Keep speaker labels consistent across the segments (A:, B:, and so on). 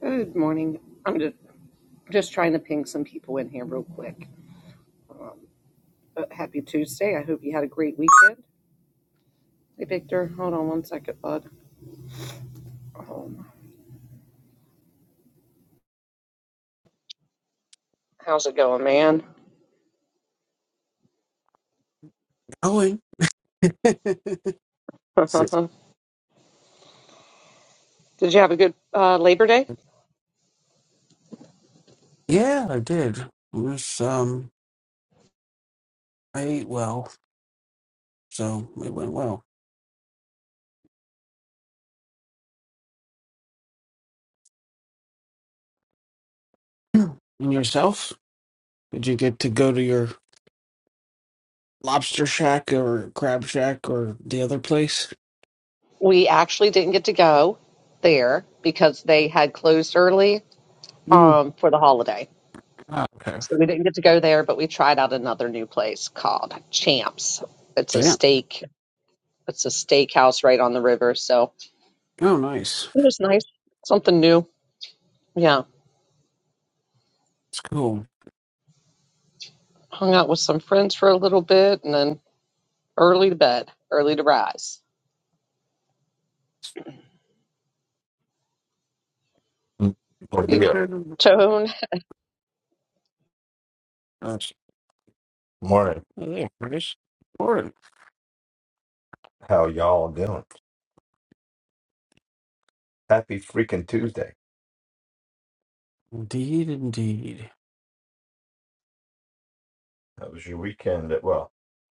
A: Good morning. I'm just, just trying to ping some people in here real quick. Um, but happy Tuesday. I hope you had a great weekend. Hey, Victor, hold on one second, bud. Um, how's it going, man?
B: Owen. yeah,
A: Did you have a good uh, Labor Day?
B: I did. It was um I ate well, so it went well. And yourself? Did you get to go to your lobster shack or crab shack or the other place?
A: We actually didn't get to go there because they had closed early
B: Mm.
A: um, for the holiday.
B: Ah, okay.
A: So we didn't get to go there, but we tried out another new place called Champs. It's a
B: Yeah.
A: steak. It's a steakhouse right on the river. So
B: Oh nice.
A: it was nice. Something new. Yeah.
B: It's cool.
A: hung out with some friends for a little bit and then early to bed, early to rise.
C: Mm. Well,
A: Hey,
C: yeah.
B: That's
A: Tone,
C: Morning.
B: oh, yeah, nice. Important.
C: How y'all doing? Happy freaking Tuesday.
B: Indeed, indeed.
C: How was your weekend? Well,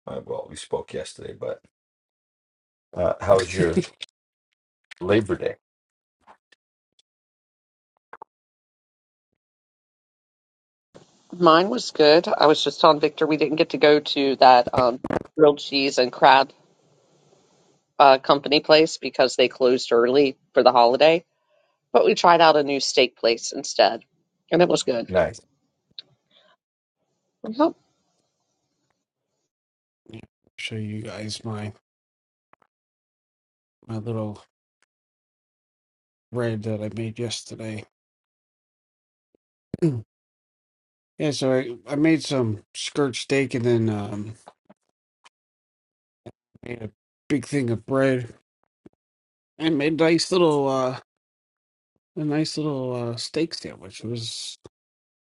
C: uh, well, we spoke yesterday, but uh, how was your Labor Day?
A: mine was good. I was just telling Victor we didn't get to go to that um, grilled cheese and crab uh, company place because they closed early for the holiday, but we tried out a new steak place instead, and it was good.
C: Nice.
A: Yep.
B: Show you guys my my little bread that I made yesterday. yeah, so I, I made some skirt steak and then um made a big thing of bread and made a nice little uh a nice little uh steak sandwich. It was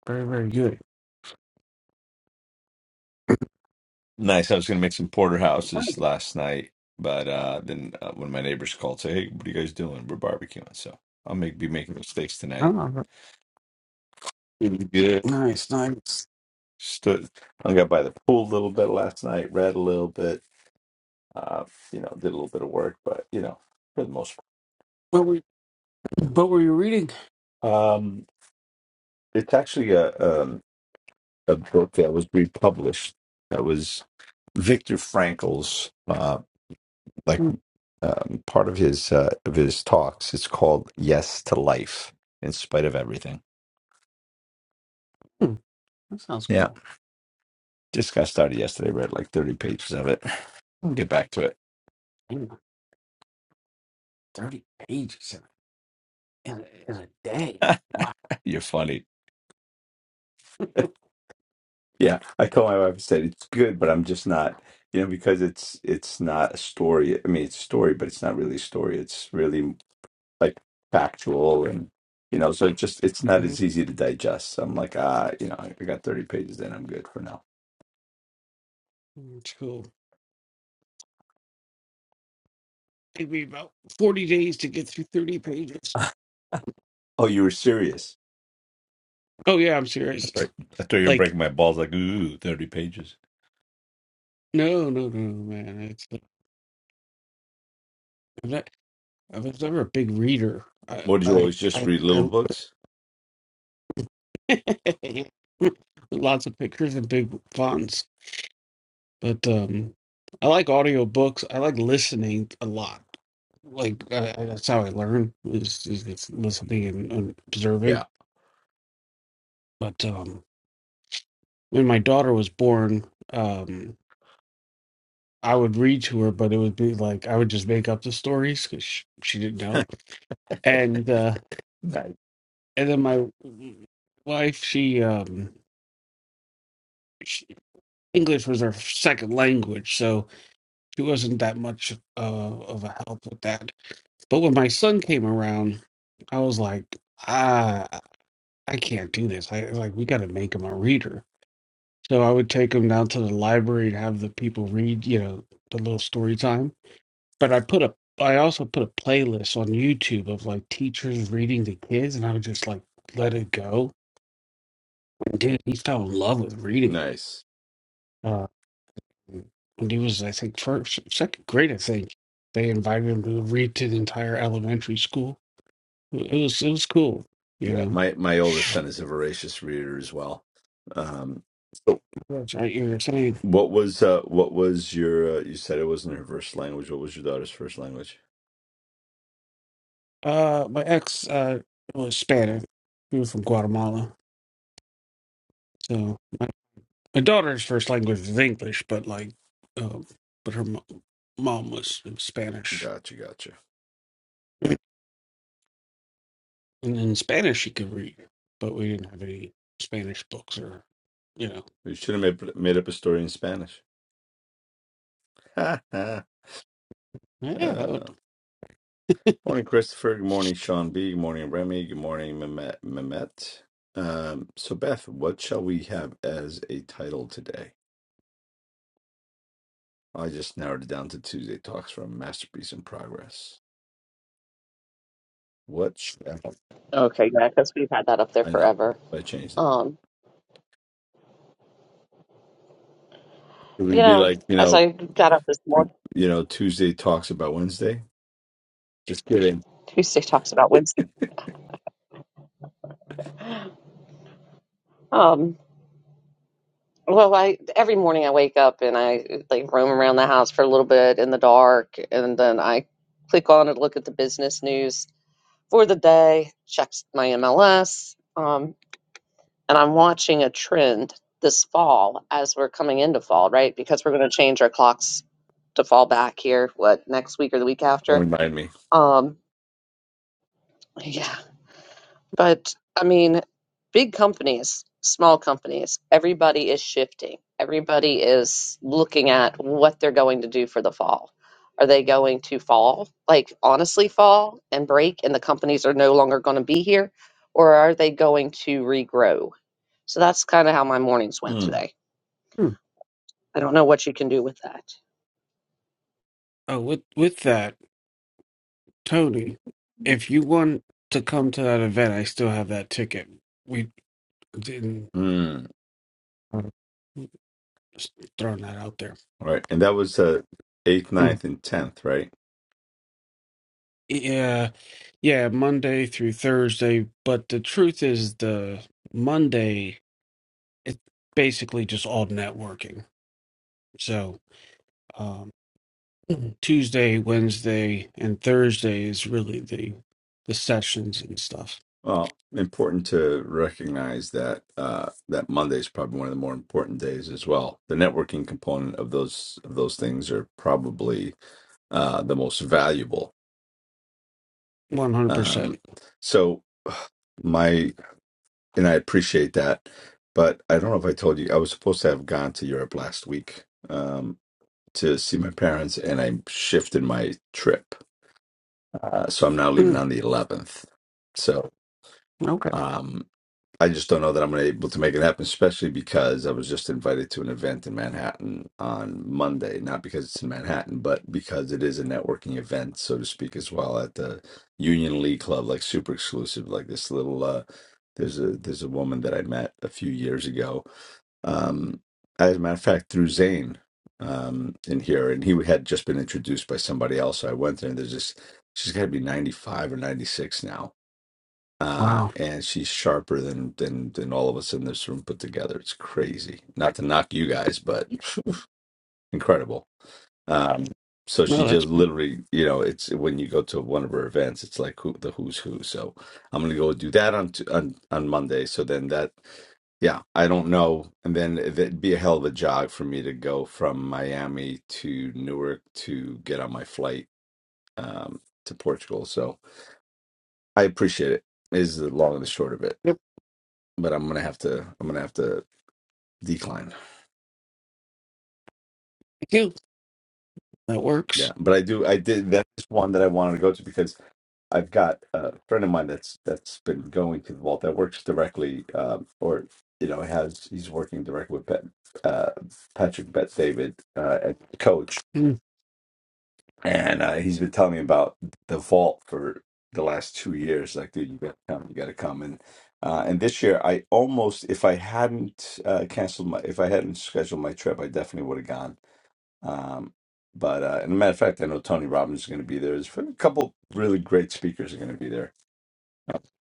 B: very, very good.
C: Nice. I was going to make some porterhouses last night, but uh, then uh, when my neighbors called, say, "Hey, what are you guys doing? We're barbecuing." So I'll make be making mistakes tonight.
B: Oh, ver-
C: Feeling good.
B: nice, nice.
C: Stood. I got by the pool a little bit last night. Read a little bit. Uh, you know, did a little bit of work, but you know, for the most part.
B: What were what were you reading?
C: Um, It's actually a um, a book that was republished. That was Viktor Frankl's, uh, like
B: Hmm,
C: um, part of his uh, of his talks. It's called "Yes to Life in Spite of Everything."
B: hmm, that sounds
C: Yeah,
B: cool.
C: just got started yesterday. Read like thirty pages of it. I'll get back to
B: Damn, Thirty pages in a, in a, in a day.
C: it.
B: Wow,
C: You're funny. yeah, I told my wife I said it's good, but I'm just not. You know, because it's it's not a story. I mean, it's a story, but it's not really a story. It's really like factual and you know, so it just it's not
B: Mhm.
C: as easy to digest. So I'm like, ah, you know, I got 30 pages in, I'm good for now.
B: it's cool. It'd be about forty days to get through thirty pages.
C: Oh, you were serious.
B: Oh yeah, I'm serious.
C: Like, I thought you were
B: Like
C: breaking my balls like, ooh, 30 pages.
B: no, no, no, man. It's I've ne- I was never a big reader. I
C: What did you
B: I
C: always just
B: I,
C: read
B: I
C: little books?
B: Lots of pictures and big fonts. But um I like audiobooks. I like listening a lot. Like I, I- that's how I learn is, is is listening and, and observing.
C: Yeah,
B: But um when my daughter was born, um I would read to her, but it would be like I would just make up the stories because she, she didn't know. And uh
C: Nice.
B: and then my wife, she um she, English was her second language, so She wasn't that much uh, of a help with that. But when my son came around, I was like, ah, I can't do this. I like we got to make him a reader. So I would take him down to the library and have the people read, you know, the little story time. But I put a, I also put a playlist on YouTube of like teachers reading to kids, and I would just like let it go. And dude, he fell in love with reading.
C: nice.
B: Uh, when he was, I think, first, second grade, I think, they invited him to read to the entire elementary school. It was, it was cool, you
C: Yeah,
B: know.
C: my my oldest son is a voracious reader as well. Um, so
B: That's right. You were saying,
C: what was uh, what was your? Uh, you said it wasn't her first language. What was your daughter's first language?
B: uh, my ex, uh, was Spanish. He was from Guatemala. So my daughter's first language is English, but like, uh, but her mo- mom was Spanish.
C: Gotcha, gotcha.
B: And in Spanish, she could read, but we didn't have any Spanish books or, you know,
C: You should have made made up a story in Spanish.
B: yeah. That would,
C: Uh, morning, Christopher. Good morning, Sean B. Good morning, Remy. Good morning, Mehmet. Mehmet. Um, so, Beth, what shall we have as a title today? I just narrowed it down to Tuesday Talks from Masterpiece in Progress. What? shall-
A: Okay, yeah, because we've had that up there
C: I know.
A: forever.
C: I changed it.
A: Um,
C: It
A: you
C: would be
A: know,
C: like you
A: as
C: know,
A: I got up this morning,
C: you know, Tuesday Talks about Wednesday. Just kidding.
A: Tuesday talks about Wednesday. Um, Well, I every morning I wake up and I like roam around the house for a little bit in the dark, and then I click on and look at the business news for the day, check my MLS, um, and I'm watching a trend this fall as we're coming into fall, right? Because we're going to change our clocks to fall back here, what, next week or the week
C: Don't
A: after?
C: remind me.
A: Um, yeah. But I mean, big companies, small companies, everybody is shifting. Everybody is looking at what they're going to do for the fall. Are they going to fall, like honestly fall and break, and the companies are no longer going to be here? Or are they going to regrow? So that's kind of how my mornings went
C: Hmm.
A: today.
B: hmm.
A: I don't know what you can do with that.
B: Oh, with with that. Tony, if you want to come to that event, I still have that ticket. We didn't
C: Hmm.
B: uh, just throwing that out there.
C: All right, and that was uh, eighth,
B: Mm.
C: ninth, and tenth, right?
B: Yeah, yeah, Monday through Thursday. But the truth is, the Monday it's basically just all networking. So um, Tuesday, Wednesday, and Thursday is really the the sessions and stuff.
C: Well, important to recognize that uh, that Monday is probably one of the more important days as well. The networking component of those of those things are probably uh, the most valuable.
B: One hundred
C: Um,
B: percent.
C: so my and I appreciate that, but I don't know if I told you I was supposed to have gone to Europe last week um, to see my parents, and I shifted my trip, uh, so I'm now leaving on the 11th. So.
B: Okay.
C: Um, I just don't know that I'm gonna able to make it happen, especially because I was just invited to an event in Manhattan on Monday. Not because it's in Manhattan, but because it is a networking event, so to speak, as well at the Union League Club, like super exclusive, like this little. uh There's a there's a woman that I met a few years ago. Um, as a matter of fact, through Zane um, in here, and he had just been introduced by somebody else. So I went there, and there's this. She's got to be 95 or 96 now uh,
B: Wow.
C: and she's sharper than than than all of us in this room put together. It's crazy. Not to knock you guys, but incredible. Um, so
B: No,
C: she
B: that's
C: just
B: good.
C: literally, you know, it's when you go to one of her events, it's like who the who's who. So I'm gonna go do that on t- on on Monday. So then that, yeah, I don't know, and then it'd be a hell of a jog for me to go from Miami to Newark to get on my flight um, to Portugal. So I appreciate it. Is the long and the short of it
B: Yep.
C: but I'm gonna have to I'm gonna have to decline.
B: Thank you. That works.
C: Yeah, but I do I did that's one that I wanted to go to because I've got a friend of mine that's that's been going to the vault that works directly um, or you know has he's working directly with Bet, uh, Patrick Bet David uh, at coach and uh, he's been telling me about the vault for the last two years like dude you gotta come you gotta come and uh, and this year I almost if I hadn't uh, canceled my if I hadn't scheduled my trip I definitely would have gone Um, but uh, and a matter of fact, I know Tony Robbins is going to be there. There's a couple really great speakers are going to be there.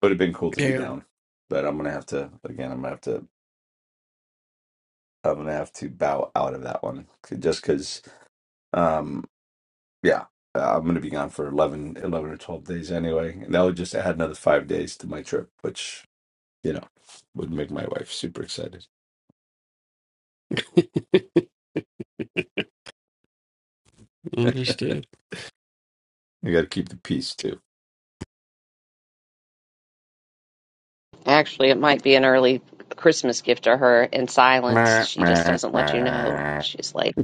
C: Would have been cool to be
B: Yeah,
C: down, but I'm going to have to again. I'm going to have to. I'm going to have to bow out of that one just because. Um, yeah, uh, I'm going to be gone for 11, 11 or twelve days anyway, and that would just add another five days to my trip, which you know would make my wife super excited.
B: understood.
C: I got to keep the peace too.
A: Actually, it might be an early Christmas gift to her in silence.
C: Meh,
A: She just
C: meh,
A: doesn't let you know.
C: meh.
A: She's like,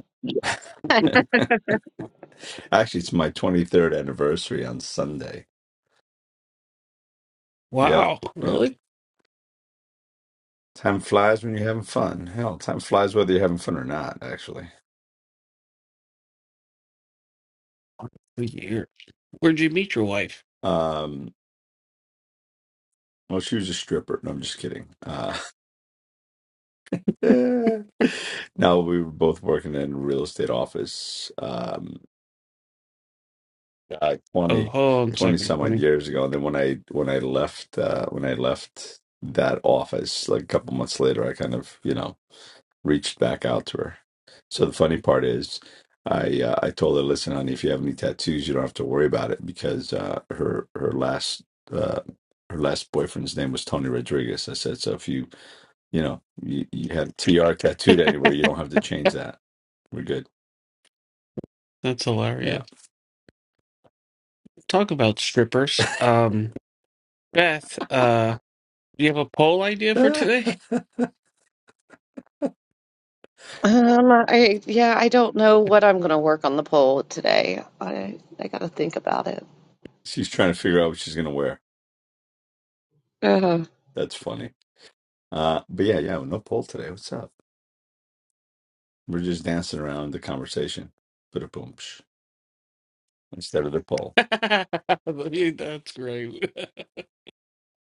C: Actually, it's my 23rd anniversary on Sunday. Yeah.
B: Wow,
C: yeah.
B: really?
C: Time flies when you're having fun. Hell, time flies whether you're having fun or not, actually.
B: Weird. Where'd you meet your wife?
C: Um, well, she was a stripper. No, I'm just kidding. Uh, no, we were both working in a real estate office um, uh, 20,
B: Oh, hold on a
C: twenty
B: second,
C: some odd
B: honey.
C: years ago. And then when I when I left uh, when I left that office, like a couple months later, I kind of you know reached back out to her. So the funny part is, I uh, I told her, listen, honey, if you have any tattoos, you don't have to worry about it because uh, her her last uh, her last boyfriend's name was Tony Rodriguez. I said, so if you you know you, you had TR tattooed anywhere, you don't have to change that. We're good.
B: That's
C: Yeah.
B: hilarious. Talk about strippers. Um, Beth, uh, do you have a poll idea for
C: Ah,
B: today?
A: um, I, yeah, I don't know
B: Yeah.
A: what I'm going to work on the poll today. I, I got to think about it.
C: she's trying to figure out what she's gonna wear.
A: Uh,
C: That's funny. Uh, but yeah, yeah, no poll today. What's up? We're just dancing around the conversation. Put a boom instead of the poll.
B: That's great.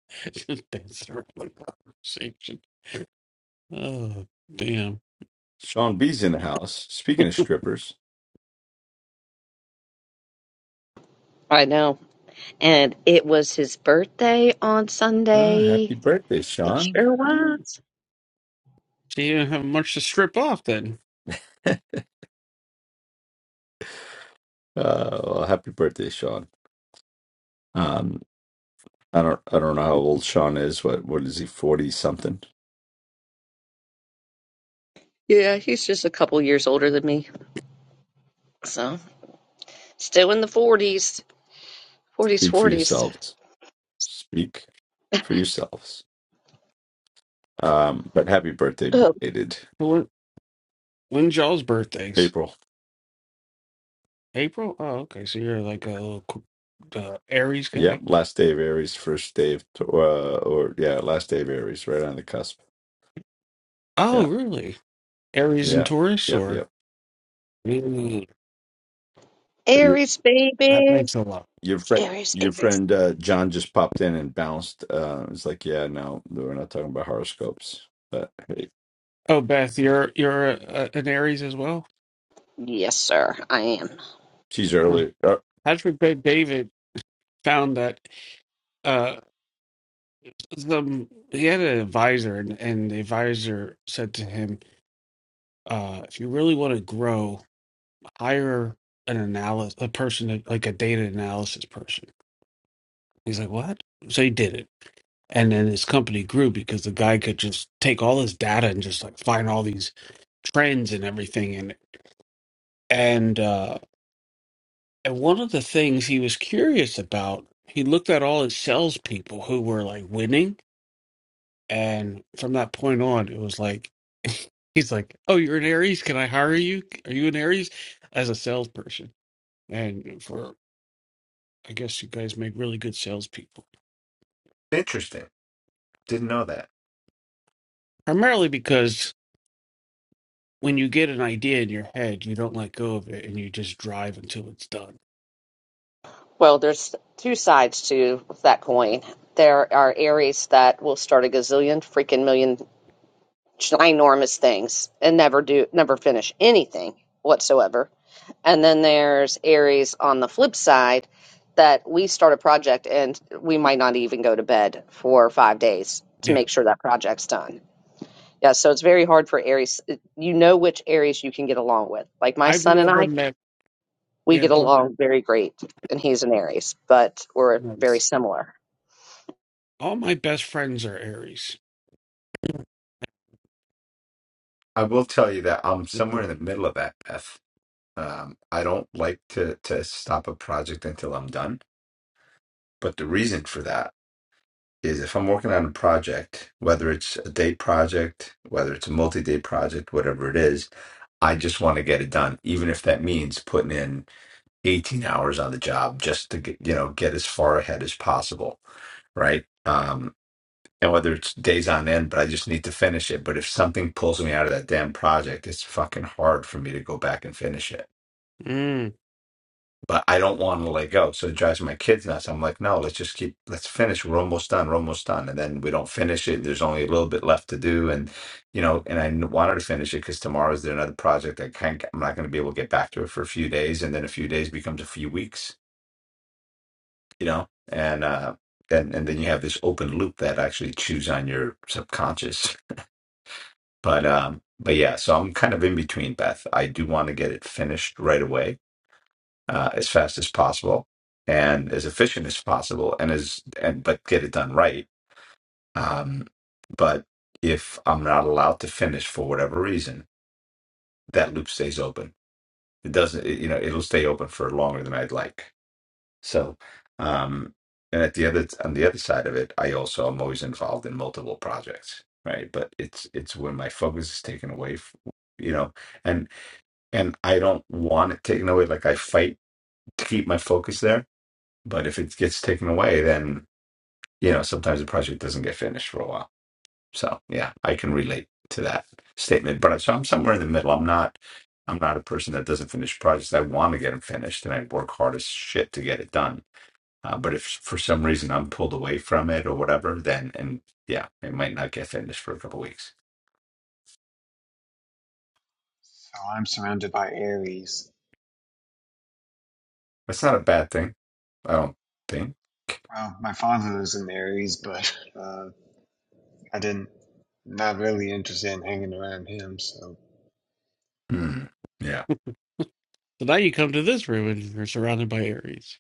B: Just dance around the conversation. Oh, damn.
C: Sean B's in the house. Speaking of strippers.
A: I know. And it was his birthday on
C: Uh, happy
A: Sunday.
C: birthday,
A: It
C: Sean.
A: sure
B: Hmm.
A: was.
B: So you didn't have much to strip off then.
C: Uh, well, happy birthday, Sean. Um, I don't, I don't know how old Sean is. What, what is he? Forty something.
A: Yeah, he's just a couple years older than me. So, still in the 40s. 40s,
C: Speak for
A: 40s.
C: yourselves. Speak for yourselves. Um, but happy birthday,
A: Oh,
C: belated
B: When, when's y'all's birthdays?
C: April.
B: April? Oh, okay. So you're like a little qu- uh, Aries
C: Yep,
B: guy.
C: last day of Aries, first day of, Tau- uh, or yeah, last day of Aries, right on the cusp.
B: Oh,
C: Yeah,
B: really? Aries and
C: yeah,
B: Taurus,
C: yep,
B: or
C: yep.
B: Mm,
C: But Your,
A: Aries,
B: that
A: baby.
B: makes a lot.
C: your friend,
A: Aries,
C: your
A: Aries.
C: friend uh, John just popped in and bounced. Uh, it's like, yeah, no, we're not talking about horoscopes, but. hey.
B: Oh, Beth, you're you're a, a, an Aries as well.
A: Yes, sir, I am.
C: She's
B: Huh.
C: early. Uh,
B: Patrick Bet David found that uh, some he had an advisor, and, and the advisor said to him, uh, "If you really want to grow." hire an analyst a person that- like a data analysis person he's like what so he did it and then his company grew because the guy could just take all his data and just like find all these trends and everything and and uh and one of the things he was curious about he looked at all his salespeople who were like winning and from that point on it was like he's like oh you're an aries can i hire you are you an aries as a salesperson and for i guess you guys make really good salespeople
C: Interesting. Didn't know that.
B: Primarily because when you get an idea in your head, you don't let go of it and you just drive until it's done.
A: Well, there's two sides to that coin. There are Aries that will start a gazillion freaking million ginormous things and never do, never finish anything whatsoever And then there's Aries on the flip side that we start a project and we might not even go to bed for five days to
B: Yeah.
A: make sure that project's done. Yeah, so it's very hard for Aries. You know which Aries you can get along with. Like my
B: I've
A: son and
B: never
A: I,
B: met
A: we
B: yeah,
A: get
B: well,
A: along very great, and he's an Aries, but we're very
B: nice.
A: similar.
B: all my best friends are Aries.
C: I will tell you that I'm
B: Okay.
C: somewhere in the middle of that, Beth. Um, I don't like to to stop a project until I'm done. But the reason for that is if I'm working on a project, whether it's a day project, whether it's a multi-day project, whatever it is, I just want to get it done, even if that means putting in 18 hours on the job just to get, you know, get as far ahead as possible, right? Um, and whether it's days on end, but I just need to finish it. But if something pulls me out of that damn project, it's fucking hard for me to go back and finish it.
B: Mm.
C: But I don't want to let go. So it drives my kids nuts. I'm like, no, let's just keep, let's finish. We're almost done. We're almost done. And then we don't finish it. There's only a little bit left to do. And, you know, and I kn- wanted to finish it because tomorrow is there another project I can't, I'm not going to be able to get back to it for a few days. And then a few days becomes a few weeks, you know? And, uh, and, and then you have this open loop that actually chews on your subconscious But um, but yeah, so I'm kind of in between, Beth. I do want to get it finished right away, uh, as fast as possible, and as efficient as possible, and as and but get it done right. Um, but if I'm not allowed to finish for whatever reason, that loop stays open. It doesn't, it- you know, it'll stay open for longer than I'd like. So, um, and at the other on the other side of it, I also am always involved in multiple projects, right? But it's it's when my focus is taken away, f- you know. and I don't want it taken away. Like I fight to keep my focus there, but if it gets taken away, then you know sometimes the project doesn't get finished for a while. So yeah, I can relate to that statement. But I, so I'm somewhere in the middle. I'm not. I'm not a person that doesn't finish projects. I want to get them finished, and I work hard as shit to get it done. Uh, but if for some reason I'm pulled away from it or whatever, then and yeah, it might not get finished for a couple weeks.
D: So I'm surrounded by Aries.
C: That's not a bad thing. I don't think.
D: Well, my father was an Aries, but uh, I didn't, not really interested in hanging around him. So,
C: Hmm. Yeah.
B: So now you come to this room and you're surrounded by Aries.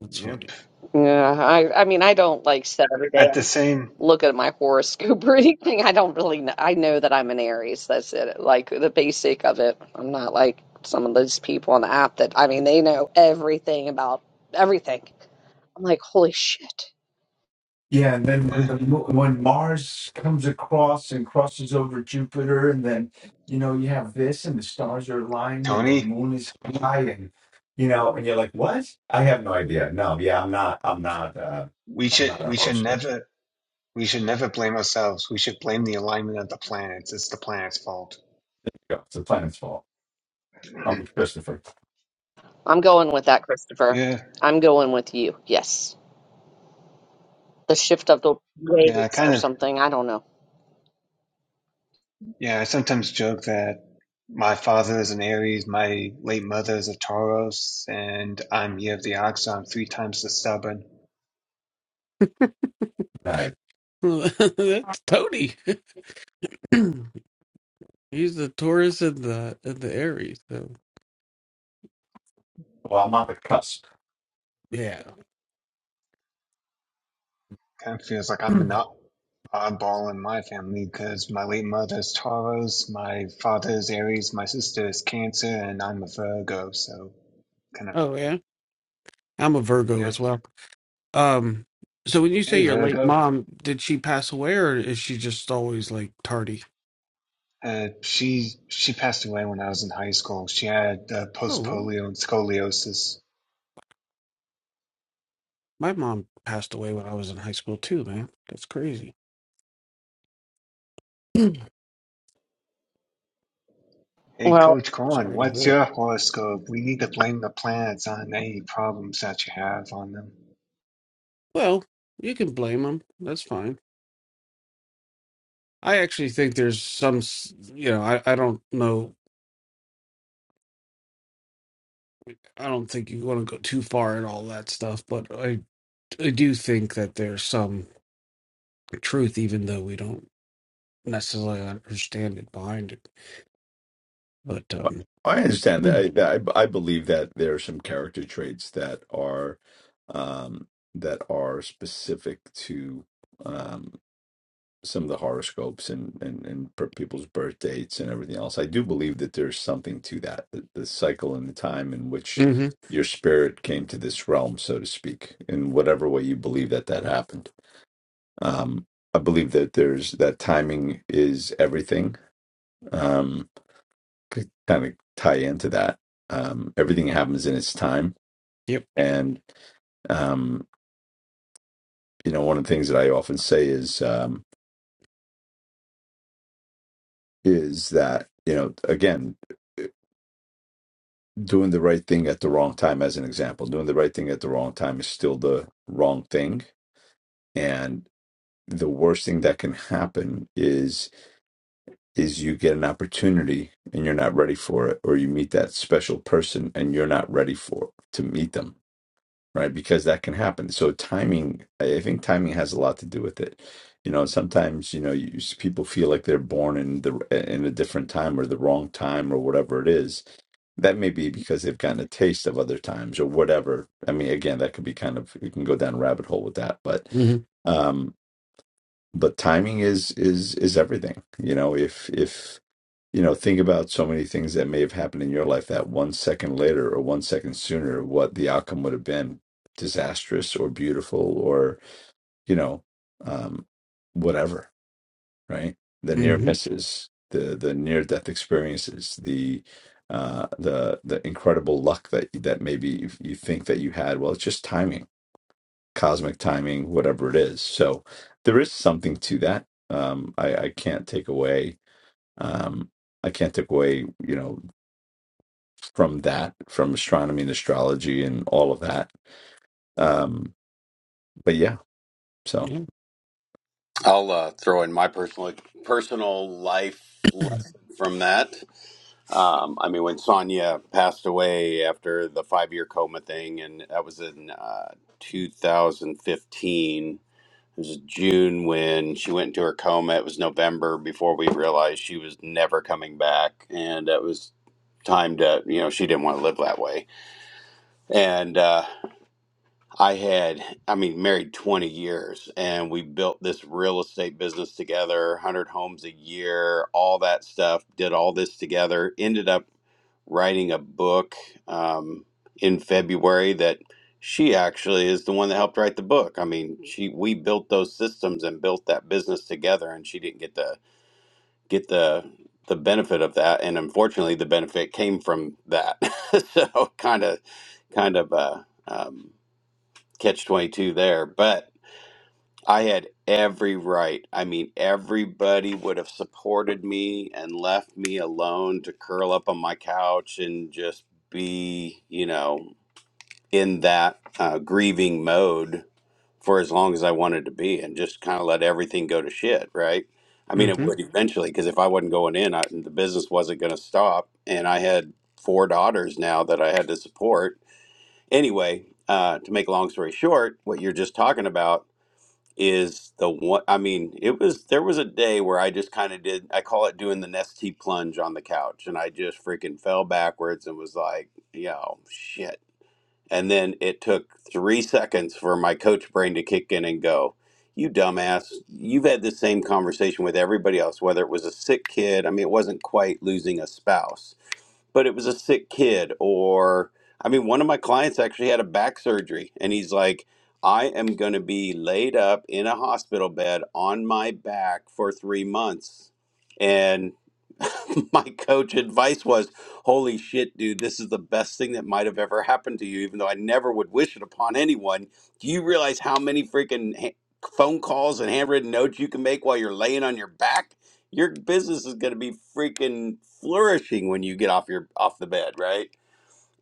B: That's funny.
D: yep.
A: Yeah, I, I mean, I don't like set every day.
D: At the same,
A: look at my horoscope or anything. I don't really know. I know that I'm an Aries. That's it. Like the basic of it. I'm not like some of those people on the app that, I mean, they know everything about everything. I'm like, holy shit.
C: Yeah, and then when
D: eh,
C: the mo- when Mars comes across and crosses over Jupiter, and then you know you have this, and the stars are aligned, and the
D: Tony,
C: moon is high, and you know, and you're like, what? I have no idea. No, yeah, I'm not. I'm not. Uh,
D: we
C: I'm
D: should,
C: not a
D: we should
C: host.
D: never, we should never blame ourselves. We should blame the alignment of the planets. It's the planet's fault.
C: No, It's the planet's fault. I'm with Christopher.
A: I'm going with that, Christopher.
D: Yeah,
A: I'm going with you. Yes. The shift of the
D: yeah. I
A: waves
D: kind
A: or
D: of,
A: something. I don't know.
D: yeah. I sometimes joke that my father is an Aries, my late mother is a Taurus, and I'm year of the ox, so I'm three times the stubborn.
C: All right.
B: That's Tony. He's the Taurus and the and the Aries. So
C: Well, I'm on the cusp.
B: yeah.
D: Kind of feels like I'm an oddball in my family because my late mother's Taurus, my father's Aries, my sister's Cancer, and I'm a Virgo. So kind of
B: Oh yeah. I'm a Virgo
D: yep.
B: as well. Um, so when you
D: Hey
B: say your late
D: Virgo.
B: mom, did she pass away or is she just always like tardy?
D: Uh, she she passed away when I was in high school. She had uh,
B: Oh,
D: post
B: really?
D: polio and scoliosis.
B: My mom passed away when I was in high school too, man. That's crazy. Sorry
D: Hey
A: Well,
D: Coach Corn,
B: to hear
D: what's
B: that.
D: your horoscope? We need to blame the planets on any problems that you have on them.
B: Well, you can blame them. That's fine. I actually think there's some, s- you know, I, I don't know. I don't think you want to go too far in all that stuff, but I, I do think that there's some truth, even though we don't necessarily understand it behind it. But, um,
C: I understand that. I, that I, I believe that there are some character traits that are um, that are specific to um, some of the horoscopes and and, and per people's birth dates and everything else. I do believe that there's something to that, the, the cycle and the time in which
B: hmm
C: your spirit came to this realm, so to speak, in whatever way you believe that that happened. Um, I believe that there's that timing is everything. Um, kind of tie into that. Um, everything happens in its time,
B: yep.
C: and um, you know, one of the things that I often say is um, is that you know, again, uh, doing the right thing at the wrong time, as an example, doing the right thing at the wrong time is still the wrong thing, and the worst thing that can happen is is you get an opportunity and you're not ready for it or you meet that special person and you're not ready for to meet them right? Because that can happen. So timing, I I think timing has a lot to do with it. You know, sometimes you know you, s- people feel like they're born in the in a different time or the wrong time or whatever it is. That may be because they've gotten a taste of other times or whatever. I mean, again, that could be kind of you can go down a rabbit hole with that, but
B: hmm
C: um, but timing is is is everything. You know, if if you know think about so many things that may have happened in your life that one second later or one second sooner what the outcome would have been disastrous or beautiful or you know um whatever right the near misses the the near death experiences the uh the the incredible luck that that maybe you, you think that you had well it's just timing cosmic timing whatever it is so there is something to that um i i can't take away um I can't take away, you know, from that, from astronomy and astrology and all of that. Um, but yeah, so
B: Yeah.
E: I'll uh, throw in my personal personal life lesson from that. Um, I mean, when Sonia passed away after the five year coma thing, and that was in uh, 2015. It was June when she went into her coma. It was November before we realized she was never coming back, and it was time to you know she didn't want to live that way, and. Uh, I had, I mean, married 20 years and we built this real estate business together, 100 homes a year, all that stuff, did all this together. Ended up writing a book um, in February that she actually is the one that helped write the book. I mean, she we built those systems and built that business together and she didn't get the get the the benefit of that and unfortunately the benefit came from that. so kind of kind of uh um, catch 22 there but i had every right i mean everybody would have supported me and left me alone to curl up on my couch and just be you know in that uh, grieving mode for as long as i wanted to be and just kind of let everything go to shit right i mean it
B: hmm
E: would eventually because if i wasn't going in I, the business wasn't going to stop and i had four daughters now that i had to support anyway uh, to make a long story short what you're just talking about is the one I mean, it was there was a day where I just kind of did I call it doing the nesty plunge on the couch and I just freaking fell backwards and was like, yo, shit. And then it took three seconds for my coach brain to kick in and go, You dumbass, you've had the same conversation with everybody else, whether it was a sick kid, I mean it wasn't quite losing a spouse but it was a sick kid or i mean one of my clients actually had a back surgery and he's like i am going to be laid up in a hospital bed on my back for three months and my coach advice was holy shit dude this is the best thing that might have ever happened to you even though i never would wish it upon anyone do you realize how many freaking ha- phone calls and handwritten notes you can make while you're laying on your back your business is going to be freaking flourishing when you get off your off the bed right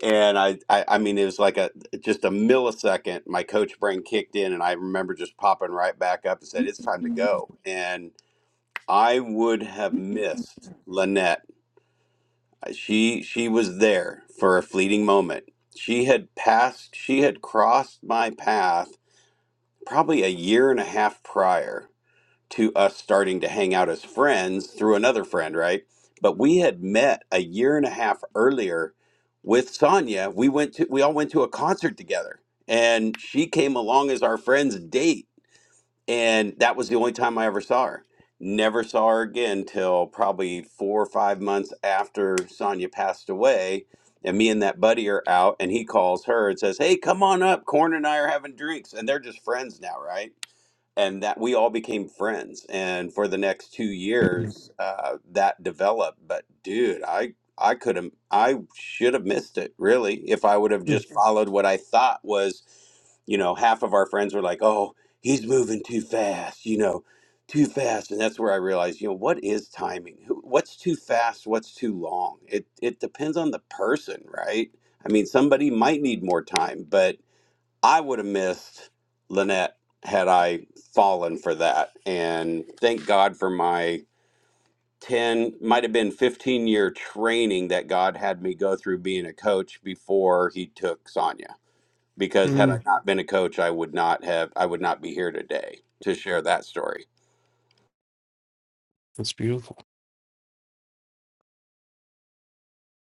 E: and I, I i mean it was like a just a millisecond my coach brain kicked in and i remember just popping right back up and said it's time to go and i would have missed lynette she she was there for a fleeting moment she had passed she had crossed my path probably a year and a half prior to us starting to hang out as friends through another friend, right? But we had met a year and a half earlier with Sonia. We went to we all went to a concert together and she came along as our friend's date and that was the only time I ever saw her. Never saw her again till probably 4 or 5 months after Sonia passed away and me and that buddy are out and he calls her and says, "Hey, come on up. Corn and I are having drinks." And they're just friends now, right? and that we all became friends and for the next two years uh, that developed but dude i i could have i should have missed it really if i would have just Mhm. followed what i thought was you know half of our friends were like oh he's moving too fast you know too fast and that's where i realized you know what is timing Who- what's too fast what's too long it it depends on the person right i mean somebody might need more time but I would have missed Lynette had I fallen for that. And thank God for my 10, might have been 15 year training that God had me go through being a coach before he took Sonia. Because had
B: hmm
E: I not been a coach, I would not have, I would not be here today to share that story.
B: That's beautiful.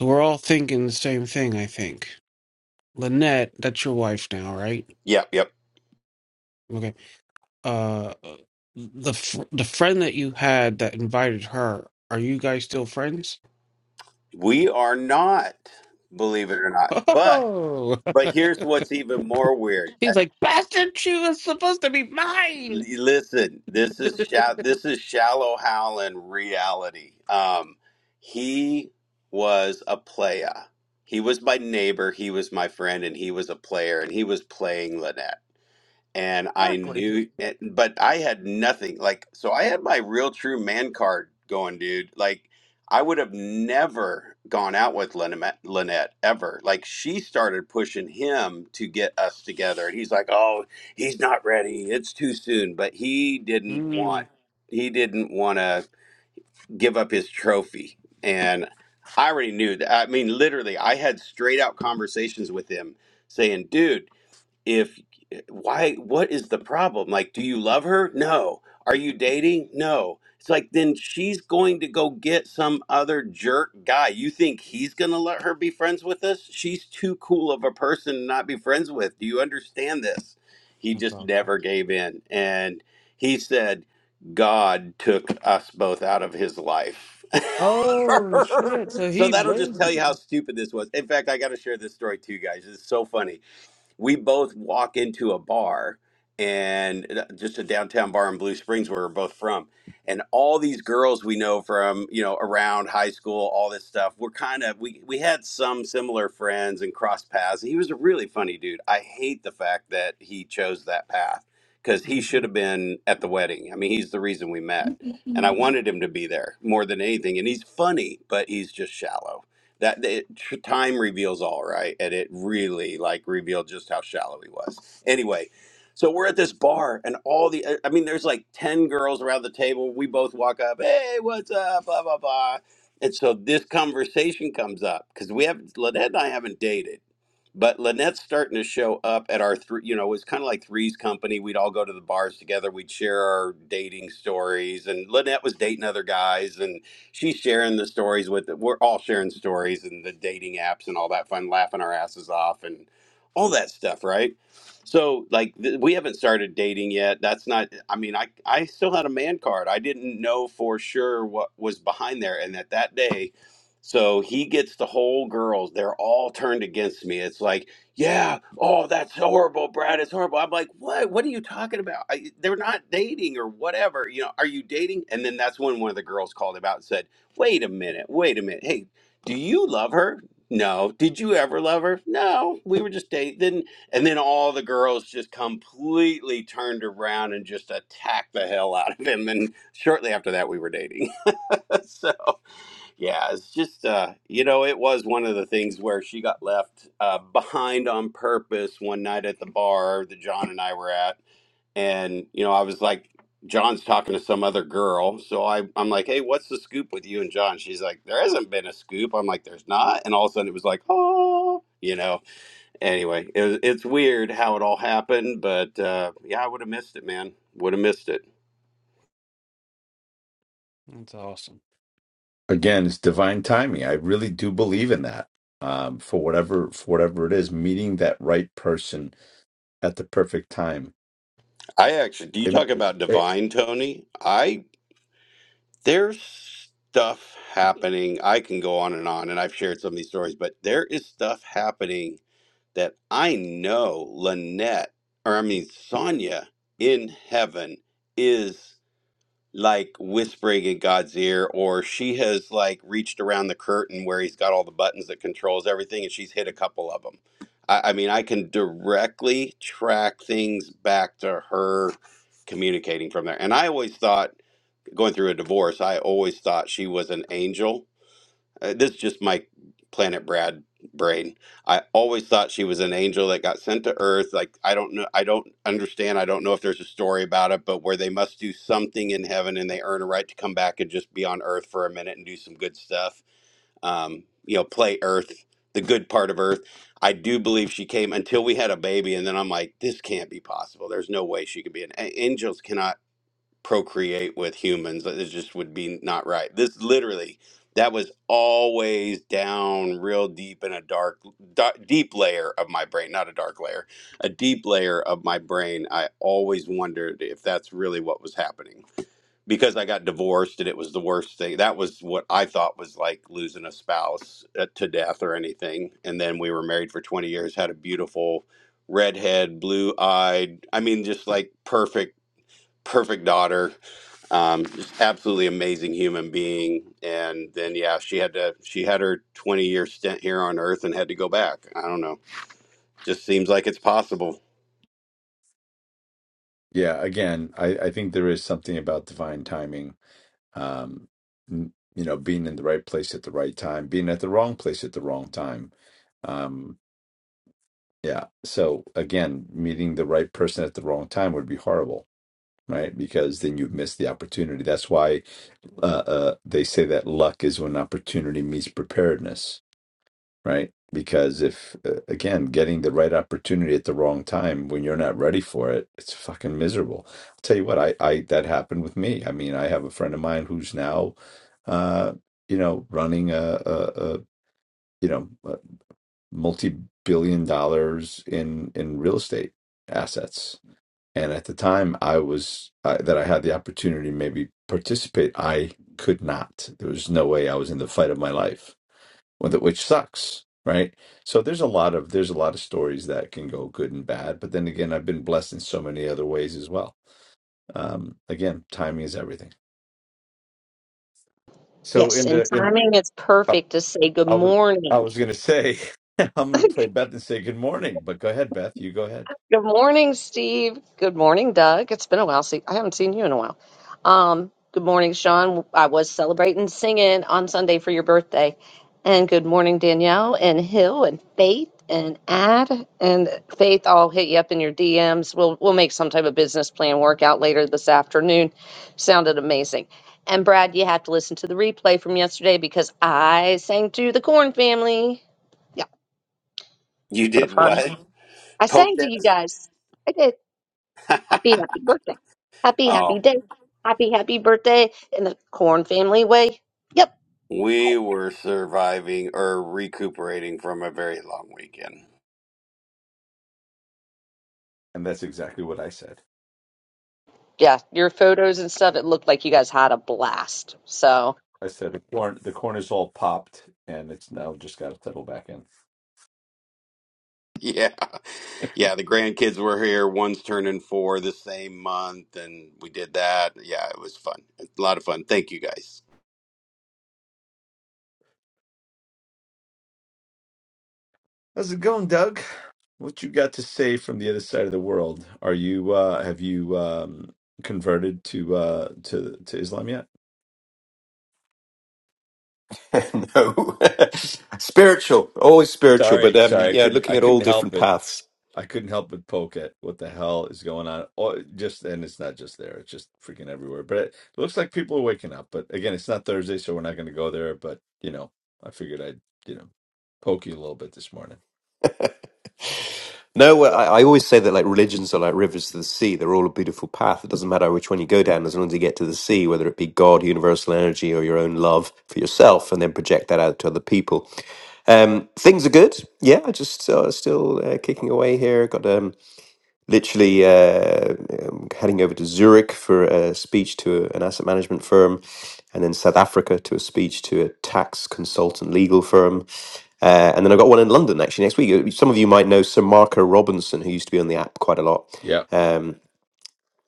B: So we're all thinking the same thing, I think. Lynette, that's your wife now, right?
E: Yep, yep.
B: Okay. Uh, the fr- the friend that you had that invited her, are you guys still friends?
E: We are not, believe it or not. But,
B: Oh,
E: but here's what's even more weird.
B: he's like, bastard, she was supposed to be mine.
E: Listen, this is sha- this is shallow Howland reality. Um, he was a player. He was my neighbor. He was my friend, and he was a player, and he was playing Lynette and I
B: Exactly.
E: knew, and- but I had nothing. Like, so I had my real true man card going, dude. Like, I would have never gone out with Lynette, Lynette ever. Like, she started pushing him to get us together, and he's like, "Oh, he's not ready. It's too soon." But he didn't
B: Mm,
E: want, he didn't want to give up his trophy, and I already knew that. I mean, literally, I had straight out conversations with him saying, "Dude." if why what is the problem like do you love her no are you dating no it's like then she's going to go get some other jerk guy you think he's going to let her be friends with us she's too cool of a person to not be friends with do you understand this he
B: that's
E: just
B: awesome.
E: never gave in and he said god took us both out of his life
B: Oh shit! So
E: so
B: he
E: that'll just
B: played.
E: tell
B: it.
E: you how stupid this was in fact i got to share this story too guys it's so funny we both walk into a bar and uh, just a downtown bar in Blue Springs where we're both from. And all these girls we know from, you know, around high school, all this stuff, we're kind of, we, we had some similar friends and crossed paths. He was a really funny dude. I hate the fact that he chose that path because he
B: Mm,
E: should have been at the wedding. I mean, he's the reason we met. And I wanted him to be there more than anything. And he's funny, but he's just shallow that it, time reveals all right and it really like revealed just how shallow he was anyway so we're at this bar and all the uh, i mean there's like 10 girls around the table we both walk up hey what's up blah blah blah and so this conversation comes up because we haven't lynette and i haven't dated but Lynette's starting to show up at our three, you know, it was kind of like Three's Company. We'd all go to the bars together. We'd share our dating stories. And Lynette was dating other guys and she's sharing the stories with, we're all sharing stories and the dating apps and all that fun, laughing our asses off and all that stuff, right? So, like, th- we haven't started dating yet. That's not, I mean, I, I still had a man card. I didn't know for sure what was behind there. And at that day, so he gets the whole girls. They're all turned against me. It's like, yeah, oh, that's horrible, Brad. It's horrible. I'm like, what? What are you talking about? I, they're not dating or whatever. You know, are you dating? And then that's when one of the girls called him out and said, wait a minute, wait a minute. Hey, do you love her? No. Did you ever love her? No. We were just dating. Then, and then all the girls just completely turned around and just attacked the hell out of him. And shortly after that, we were dating. so. Yeah, it's just uh, you know, it was one of the things where she got left uh, behind on purpose one night at the bar that John and I were at, and you know, I was like, John's talking to some other girl, so I I'm like, hey, what's the scoop with you and John? She's like, there hasn't been a scoop. I'm like, there's not, and all of a sudden it was like, oh, you know. Anyway, it was, it's weird how it all happened, but uh, yeah, I would have missed it, man. Would have missed it.
B: that's awesome.
C: again, it's divine timing. I really do believe in that. Um, for whatever for whatever it is, meeting that right person at the perfect time.
E: I actually, do you talk
C: It-
E: about
C: it-
E: divine, Tony? I there's stuff happening. I can go on and on, and I've shared some of these stories, but there is stuff happening that I know Lynette, or I mean Sonia in heaven is like whispering in God's ear, or she has like reached around the curtain where he's got all the buttons that controls everything, and she's hit a couple of them. I, I mean, I can directly track things back to her communicating from there. And I always thought going through a divorce, I always thought she was an angel. Uh, this is just my Planet Brad brain. I always thought she was an angel that got sent to Earth. Like I don't know, I don't understand. I don't know if there's a story about it, but where they must do something in heaven and they earn a right to come back and just be on Earth for a minute and do some good stuff. Um, you know, play Earth, the good part of Earth. I do believe she came until we had a baby, and then I'm like, this can't be possible. There's no way she could be an a- angels cannot procreate with humans. It just would be not right. This literally, that was always down real deep in a dark, dark deep layer of my brain, not a dark layer, a deep layer of my brain. I always wondered if that's really what was happening because I got divorced and it was the worst thing. That was what I thought was like losing a spouse uh, to death or anything. And then we were married for 20 years, had a beautiful redhead, blue eyed, I mean, just like perfect, perfect daughter um, just absolutely amazing human being. And then yeah, she had to she had her 20 year stint here on Earth and had to go back. I don't know. Just seems like it's possible.
C: yeah, again, I, I think there is something about divine timing. Um, n- you know, being in the right place at the right time, being at the wrong place at the wrong time. Um, yeah. So again, meeting the right person at the wrong time would be horrible right? Because then you've missed the opportunity. That's why uh, uh, they say that luck is when opportunity meets preparedness, right? Because if, uh, again, getting the right opportunity at the wrong time when you're not ready for it, it's fucking miserable. I'll tell you what, I, I that happened with me. I mean, I have a friend of mine who's now, uh, you know, running a, a, a you know, multi billion dollars in in real estate assets and at the time i was uh, that i had the opportunity to maybe participate i could not there was no way i was in the fight of my life with it, which sucks right so there's a lot of there's a lot of stories that can go good and bad but then again i've been blessed in so many other ways as well um again timing is everything so
A: yes.
C: in
A: And
C: the in
A: timing is
C: i,
A: perfect to say good
C: I was i
A: morning.
C: was gonna say i'm gonna play beth and say good morning but go ahead beth you go ahead
A: Good morning, Steve. Good morning, Doug. It's been a while. See, I haven't seen you in a while. Um, good morning, Sean. I was celebrating singing on Sunday for your birthday. And good morning, Danielle and Hill and Faith and Ad and Faith. I'll hit you up in your DMs. We'll we'll make some type of business plan workout later this afternoon. Sounded amazing. And Brad, you have to listen to the replay from yesterday because I sang to the Corn family. Yeah,
E: You
A: what a
E: did
A: fun.
E: what?
A: I
E: Poked
A: sang to
E: at
A: you guys. I did.
E: us?
A: Happy, happy birthday. Happy, happy
E: oh,
A: day. Happy, happy birthday in the Corn family way. Yep.
E: we were surviving or recuperating from a very long weekend.
C: and that's exactly what i said
A: Yeah. Your photos and stuff, it looked like you guys had a blast. So
C: I said the corn the corn is all popped and it's now just gotta settle back in.
E: Yeah, yeah. The grandkids were here. One's turning four the same month, and we did that. Yeah, it was fun. A lot of fun. Thank you guys.
C: How's it going, Doug? What you got to say from the other side of the world? Are you uh have you um converted to uh to to Islam yet?
F: no, spiritual, always spiritual. But
C: Sorry,
F: um,
C: sorry, I
F: yeah,
C: couldn't
F: looking
C: I
F: at
C: couldn't
F: all
C: help
F: different
C: it.
F: paths.
C: I couldn't help but poke at what the hell is going on. Oh, just and it's not just there; it's just freaking everywhere. But it looks like people are waking up. But again, it's not Thursday, so we're not going to go there. But you know, I figured I'd you know poke you a little bit this morning.
F: No, well, I, I always say that like religions are like rivers to the sea. They're all a beautiful path. It doesn't matter which one you go down, as long as you get to the sea, whether it be God, universal energy, or your own love for yourself, and then project that out to other people. Things are good. Yeah, just uh, still uh, kicking away here. Got um. literally uh, um, heading over to Zurich for a speech to an asset management firm, and then South Africa to a speech to a tax consultant legal firm. Uh, and then I've got one in London actually next week. Uh, Some of you might know Sir Marco Robinson, who used to be on the app quite a lot
C: Yeah,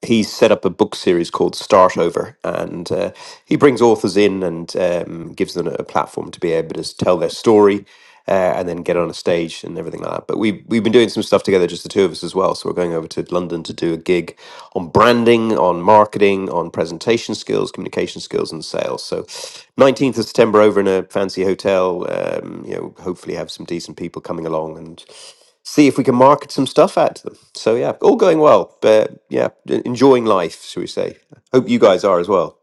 F: he set up a book series called Start Over, and uh, he brings authors in and um, gives them a platform to be able to s- tell their story uh, and then get on a stage and everything like that. But we we've been doing some stuff together, just the two of us as well. So we're going over to London to do a gig on branding, on marketing, on presentation skills, communication skills, and sales. So 19th of September over in a fancy hotel. Um, you know, hopefully have some decent people coming along and see if we can market some stuff out to them. So yeah, all going well. But yeah, e- enjoying life, shall we say? Hope you
C: good,
F: guys are as well.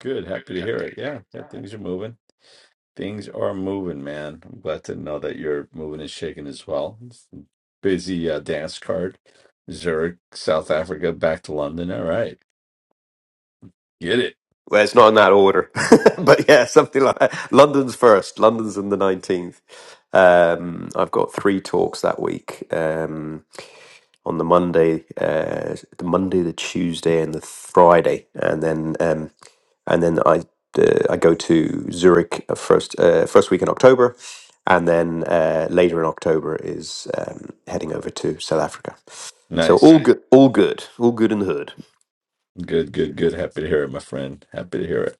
C: good. Happy to hear it. Yeah, yeah. Things are moving. Things are moving, man. I'm glad to know that you're moving and shaking as well. It's a busy uh, dance card, Zurich, South Africa, back to London. All right, get it.
F: Well, it's not in that order, but yeah, something like that. London's first. London's on the nineteenth. Um, I've got three talks that week. Um, on the Monday, uh, the Monday, the Tuesday, and the Friday, and then um, and then I uh, I go to Zurich uh, first uh, first week in October, and then uh, later in October is um, heading over to South Africa. So all
C: Nice.
F: Nice. good, all good, all good in the hood.
C: Good, good, good. Happy to hear it, my friend. Happy to hear it.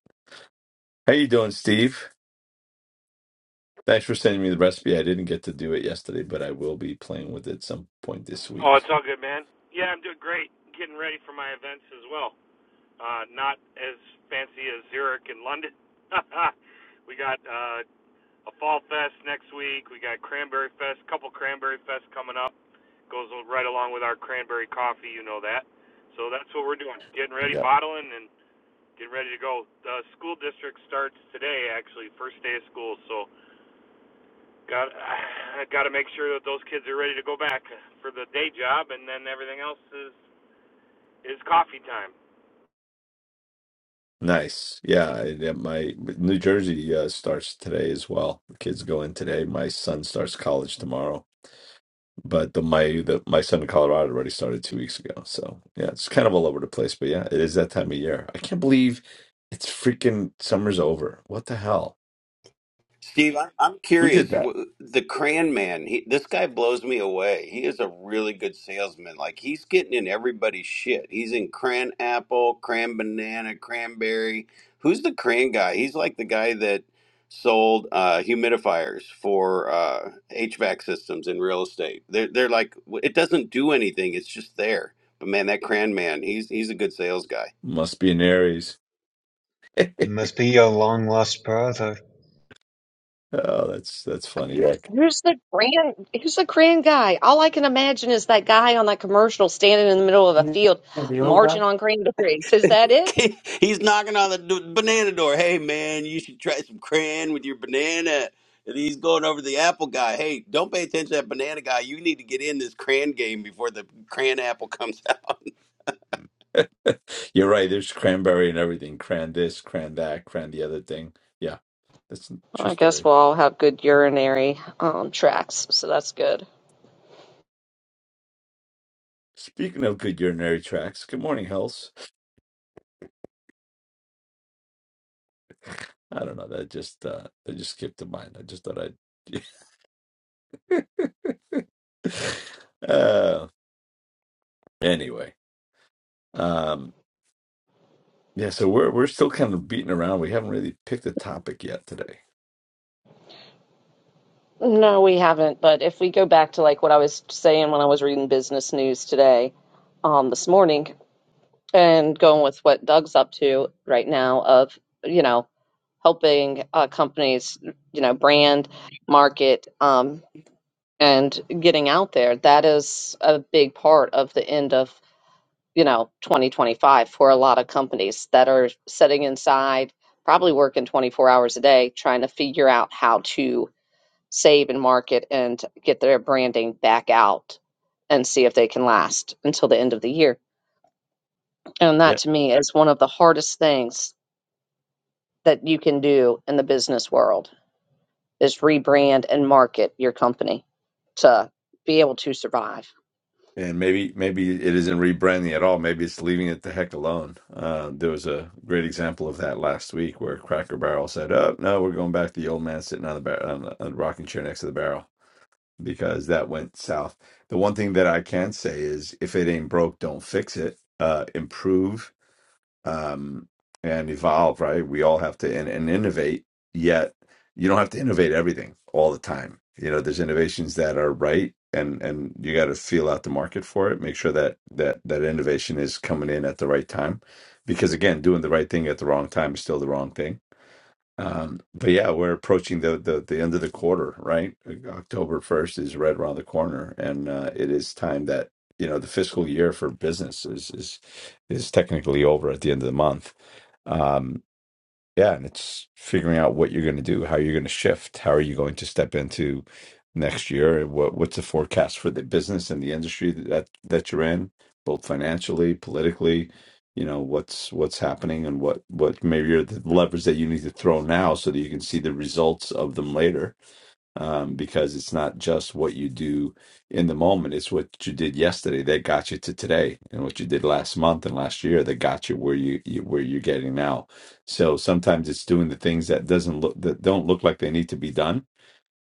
C: How you doing, Steve? Thanks for sending me the recipe. I didn't get to do it yesterday, but I will be playing with it some point this
G: Oh, it's
C: week.
G: all good, man. Yeah, I'm doing great. Getting ready for my events as well. Uh, not as fancy as Zurich and London. we got uh, a Fall Fest next week. We got Cranberry Fest, a couple Cranberry Fest coming up. Goes right along with our cranberry coffee, you know that. So that's what we're doing. Getting ready,
C: Yeah.
G: bottling, and getting ready to go. The school district starts today, actually, first day of school. So got I got to make sure that those kids are ready to go back for the day job, and then everything else is It's coffee time.
C: Nice. Yeah, I, yeah, my New Jersey uh, starts today as well. The kids go in today. My son starts college tomorrow. but the my the my son in Colorado already started two weeks ago. So yeah, it's kind of all over the place. But yeah, it is that time of year. I can't believe it's freaking summer's over. What the hell?
E: Steve, I- I'm
C: Who did
E: curious.
C: that?
E: W- The Cran Man, he, this guy blows me away. He is a really good salesman. Like he's getting in everybody's shit. He's in Cran Apple, Cran Banana, Cranberry. Who's the Cran guy? He's like the guy that sold uh, humidifiers for uh, HVAC systems in real estate. They're they're like w- it doesn't do anything. It's just there. But man, that Cran Man, he's he's a good sales guy.
C: Must be an Aries.
D: You must be your long lost brother.
C: Oh, that's that's funny. Yeah. Like,
A: who's the grand who's the grand guy? All I can imagine is that guy on that commercial standing in the middle of a
B: Yeah,
A: field
B: the old
A: marching
B: guy.
A: on cranberries. Is that it?
E: He's knocking on the d- banana door. Hey, man, you should try some crayon with your banana. And he's going over to the apple guy. Hey, don't pay attention to that banana guy. You need to get in this crayon game before the crayon apple comes out.
C: You're right. There's cranberry and everything. Cran this, cran that, cran the other thing. Yeah, that's a true
A: I guess
C: story.
A: we'll all have good urinary um tracks, so that's good.
C: Speaking of good urinary tracts, good morning, Hells. I don't know. That just uh that just skipped to mind. I just thought I'd uh anyway. um, Yeah, so we're we're still kind of beating around. We haven't really picked a topic yet today.
A: No, we haven't, but if we go back to like what I was saying when I was reading business news today, um this morning. and going with what Doug's up to right now of, you know, helping uh, companies, you know, brand, market, um, and getting out there, that is a big part of the end of, you know, 2025 for a lot of companies that are sitting inside, probably working 24 hours a day, trying to figure out how to save and market and get their branding back out and see if they can last until the end of the year. And that
C: Yeah.
A: to me is one of the hardest things that you can do in the business world is rebrand and market your company to be able to survive.
C: And maybe maybe it isn't rebranding at all. Maybe it's leaving it the heck alone. Uh, there was a great example of that last week where Cracker Barrel said, "Oh no, we're going back to the old man sitting on the bar- on the on the rocking chair next to the barrel," because that went south. The one thing that I can say is, if it ain't broke, don't fix it. Uh, improve um, and evolve, right? We all have to and, and innovate, yet you don't have to innovate everything all the time. You know, there's innovations that are right and and you got to feel out the market for it, make sure that that that innovation is coming in at the right time because again, doing the right thing at the wrong time is still the wrong thing um, but yeah, we're approaching the, the the end of the quarter, right? Like, October first is right around the corner, and uh, it is time that you know the fiscal year for business is is is technically over at the end of the month. Um, yeah, and it's figuring out what you're going to do, how you're going to shift, how are you going to step into next year, what what's the forecast for the business and the industry that that you're in, both financially, politically, you know, what's what's happening and what what maybe are the levers that you need to throw now so that you can see the results of them later um, because it's not just what you do in the moment, it's what you did yesterday that got you to today, and what you did last month and last year that got you where you, you where you're getting now. So sometimes it's doing the things that doesn't look that don't look like they need to be done,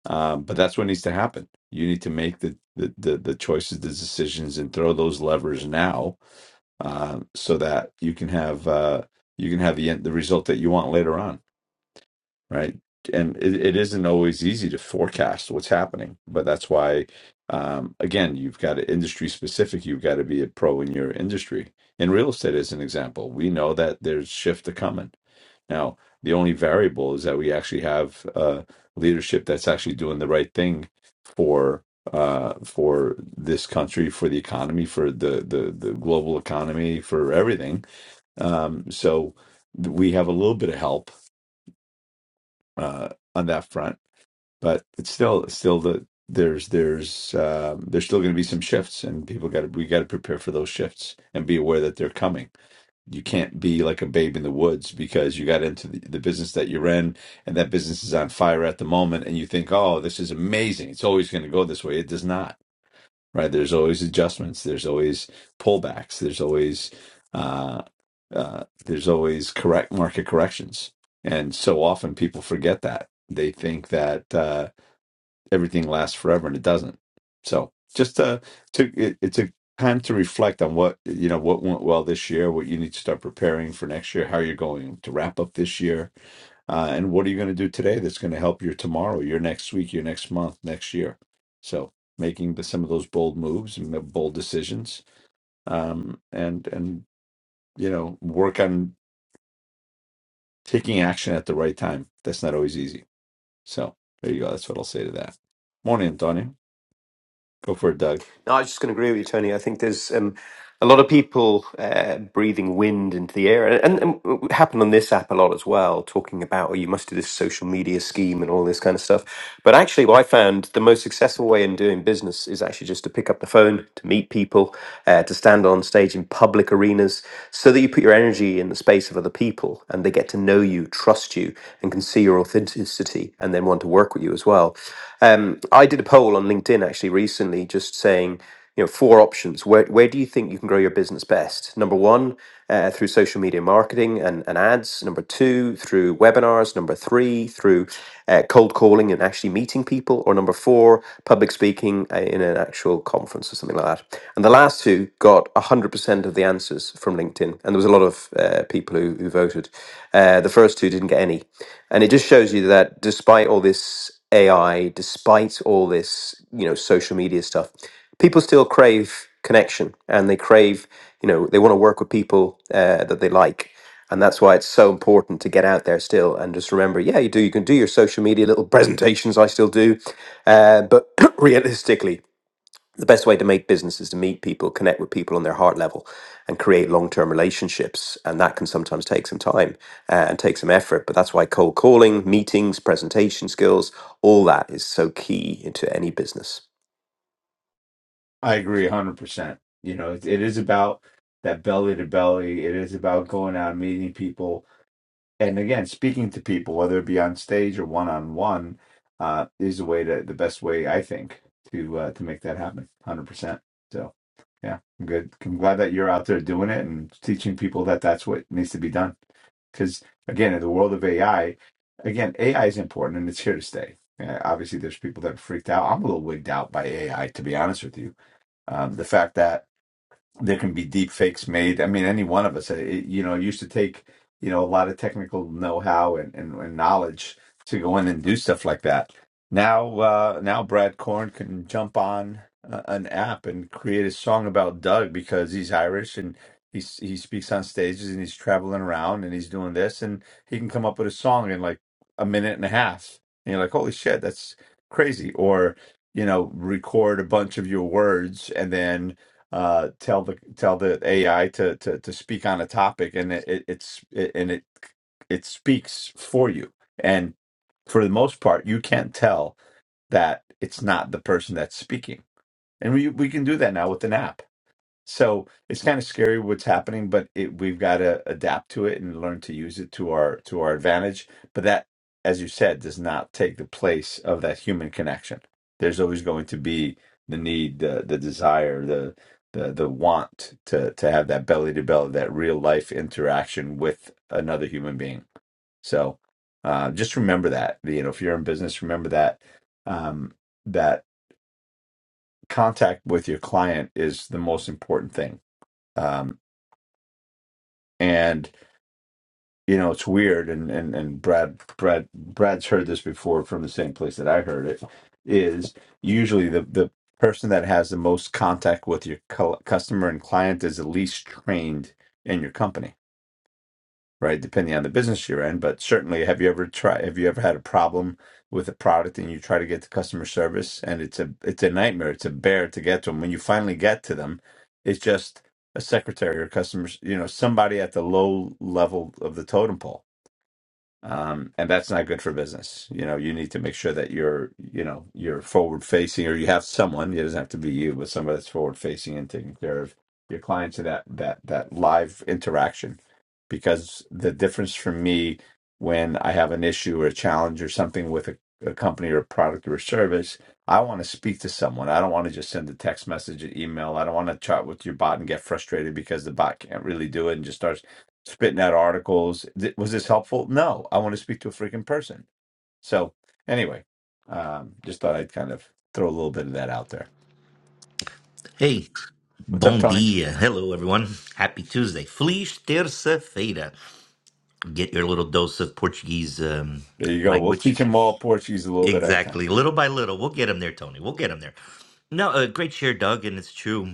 C: um, but that's what needs to happen. You need to make the the the, the choices, the decisions, and throw those levers now, uh, so that you can have uh, you can have the end, the result that you want later on right? And it, it isn't always easy to forecast what's happening, but that's why, um, again, you've got to industry specific. You've got to be a pro in your industry. In real estate, as an example, we know that there's shift a coming. Now, the only variable is that we actually have uh, leadership that's actually doing the right thing for uh, for this country, for the economy, for the the, the global economy, for everything. Um, so th- we have a little bit of help uh, on that front but it's still still the there's there's um, there's still going to be some shifts and people got to we got to prepare for those shifts and be aware that they're coming you can't be like a babe in the woods because you got into the, the business that you're in and that business is on fire at the moment and you think oh this is amazing it's always going to go this way it does not right there's always adjustments there's always pullbacks there's always uh, uh, there's always correct market corrections and so often people forget that they think that uh, everything lasts forever and it doesn't. So just uh took it, it took time to reflect on what you know what went well this year, what you need to start preparing for next year, how you're going to wrap up this year, uh, and what are you going to do today that's going to help your tomorrow, your next week, your next month, next year. So making the, some of those bold moves and the bold decisions, um, and and you know work on taking action at the right time. That's not always easy. So there you go. That's what I'll say to that. Morning, Antonio. Go for it, Doug.
F: No, I was just going to agree with you, Tony. I think there's um, a lot of people uh, breathing wind into the air, and, and, and it happened on this app a lot as well, talking about oh, you must do this social media scheme and all this kind of stuff. But actually, what I found the most successful way in doing business is actually just to pick up the phone, to meet people, uh, to stand on stage in public arenas, so that you put your energy in the space of other people, and they get to know you, trust you, and can see your your authenticity and then want to work with you as well. Um, I did a poll on LinkedIn actually recently, just saying, you know, four options. Where where do you think you can grow your business best? Number one, uh, through social media marketing and, and ads. Number two, through webinars. Number three, through uh, cold calling and actually meeting people. Or number four, public speaking uh, in an actual conference or something like that. And the last two got 100% eighty percent of the answers from LinkedIn, and there was a lot of uh, people who, who voted. Uh, the first two didn't get any, and it just shows you that despite all this AI, despite all this you know social media stuff, people still crave connection, and they crave you know they want to work with people uh, that they like. And that's why it's so important to get out there still and just remember, yeah, you do. You can do your social media little presentations. I still do, uh, but realistically, the best way to make business is to meet people, connect with people on their heart level, and create long term relationships. And that can sometimes take some time uh, and take some effort. But that's why cold calling, meetings, presentation skills, all that is so key into any business.
C: I agree 100%. You know, it, it is about that belly to belly. It is about going out and meeting people. And again, speaking to people, whether it be on stage or one on one, uh, is the way to the best way I think to uh, to make that happen. 100%. So, yeah, I'm good. I'm glad that you're out there doing it and teaching people that that's what needs to be done. Because again, in the world of AI, again, AI is important and it's here to stay. Uh, obviously, there's people that are freaked out. I'm a little wigged out by AI, to be honest with you um, the fact that there can be deep fakes made. I mean, any one of us, it, you know, it used to take, you know, a lot of technical know-how and, and, and knowledge to go in and do stuff like that. Now, uh, now Brad Korn can jump on uh, an app and create a song about Doug because he's Irish and he's, he speaks on stages and he's traveling around and he's doing this and he can come up with a song in like a minute and a half. And you're like, holy shit, that's crazy. Or, you know, record a bunch of your words and then uh, tell the tell the AI to to to speak on a topic, and it, it it's it, and it it speaks for you. And for the most part, you can't tell that it's not the person that's speaking. And we we can do that now with an app so it's kind of scary what's happening, but it, we've got to adapt to it and learn to use it to our to our advantage. But that, as you said, does not take the place of that human connection. There's always going to be the need, the the desire, the the the want to to have that belly to belly, that real life interaction with another human being. So uh, just remember that. You know, if you're in business, remember that um, that contact with your client is the most important thing Um, and you know it's weird and and and brad brad brad's heard this before from the same place that i heard it is usually the the person that has the most contact with your cu- customer and client is the least trained in your company right? Depending on the business you're in, but certainly, have you ever tried? Have you ever had a problem with a product and you try to get to customer service and it's a it's a nightmare. It's a bear to get to them. When you finally get to them, it's just a secretary or customers, you know, somebody at the low level of the totem pole um, and that's not good for business. You know, you need to make sure that you're, you know, you're forward facing, or you have someone. It doesn't have to be you, but somebody that's forward facing and taking care of your clients and that that that live interaction. Because the difference for me when I have an issue or a challenge or something with a, a company or a product or a service, I want to speak to someone. I don't want to just send a text message, an email. I don't want to chat with your bot and get frustrated because the bot can't really do it and just starts spitting out articles. Th- Was this helpful? No, I want to speak to a freaking person. So anyway, um, just thought I'd kind of throw a little bit of that out there.
H: Hey,
C: What's up,
H: bom
C: Tony?
H: dia. Hello, everyone. Happy Tuesday. Feliz terça-feira. Get your little dose of Portuguese um,
C: There you go. We'll
H: language.
C: teach them all Portuguese a little bit at a time.
H: Exactly. Little by little. We'll get them there, Tony. We'll get them there. No, uh, great share, Doug. And it's true.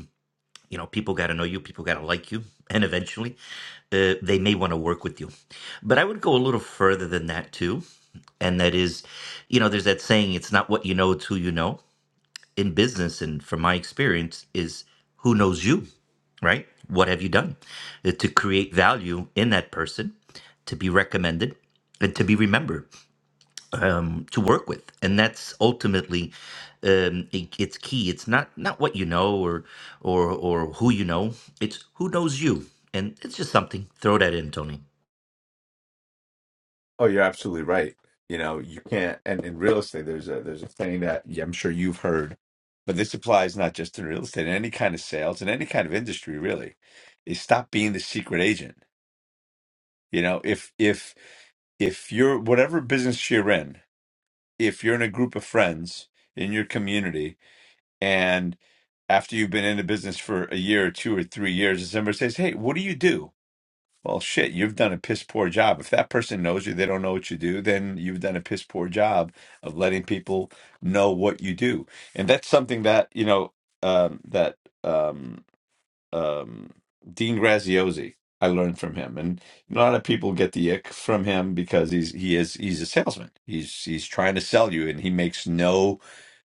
H: You know, people got to know you. People got to like you. And eventually, uh, they may want to work with you. But I would go a little further than that, too. And that is, you know, there's that saying, it's not what you know, it's who you know in business and from my experience is who knows you, right? What have you done Uh, to create value in that person, to be recommended, and to be remembered, um, to work with, and that's ultimately um, it, it's key. It's not not what you know or or or who you know. It's who knows you, and it's just something. Throw that in, Tony.
C: Oh, you're absolutely right. You know, you can't. And in real estate, there's a there's a thing that yeah, I'm sure you've heard, but this applies not just in real estate, in any kind of sales, in any kind of industry, really. Is stop being the secret agent. You know, if if if you're whatever business you're in, if you're in a group of friends in your community and after you've been in the business for a year or two or three years and somebody says hey what do you do well shit you've done a piss poor job if that person knows you they don't know what you do then you've done a piss poor job of letting people know what you do and that's something that you know um, that um, um, Dean Graziosi. I learned from him, and a lot of people get the ick from him because he's he is he's a salesman. He's he's trying to sell you, and he makes no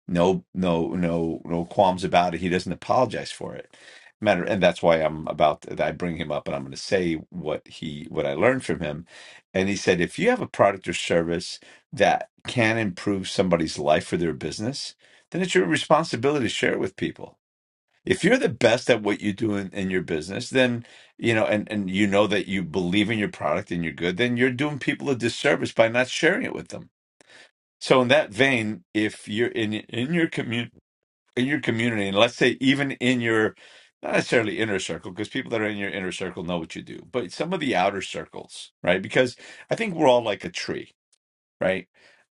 C: no no no no qualms about it. He doesn't apologize for it. Matter, and that's why I'm about I bring him up, and I'm going to say what he what I learned from him. And he said, if you have a product or service that can improve somebody's life or their business, then it's your responsibility to share it with people if you're the best at what you do in, in your business then you know and and you know that you believe in your product and you're good then you're doing people a disservice by not sharing it with them so in that vein if you're in in your community in your community and let's say even in your not necessarily inner circle because people that are in your inner circle know what you do but some of the outer circles right because i think we're all like a tree right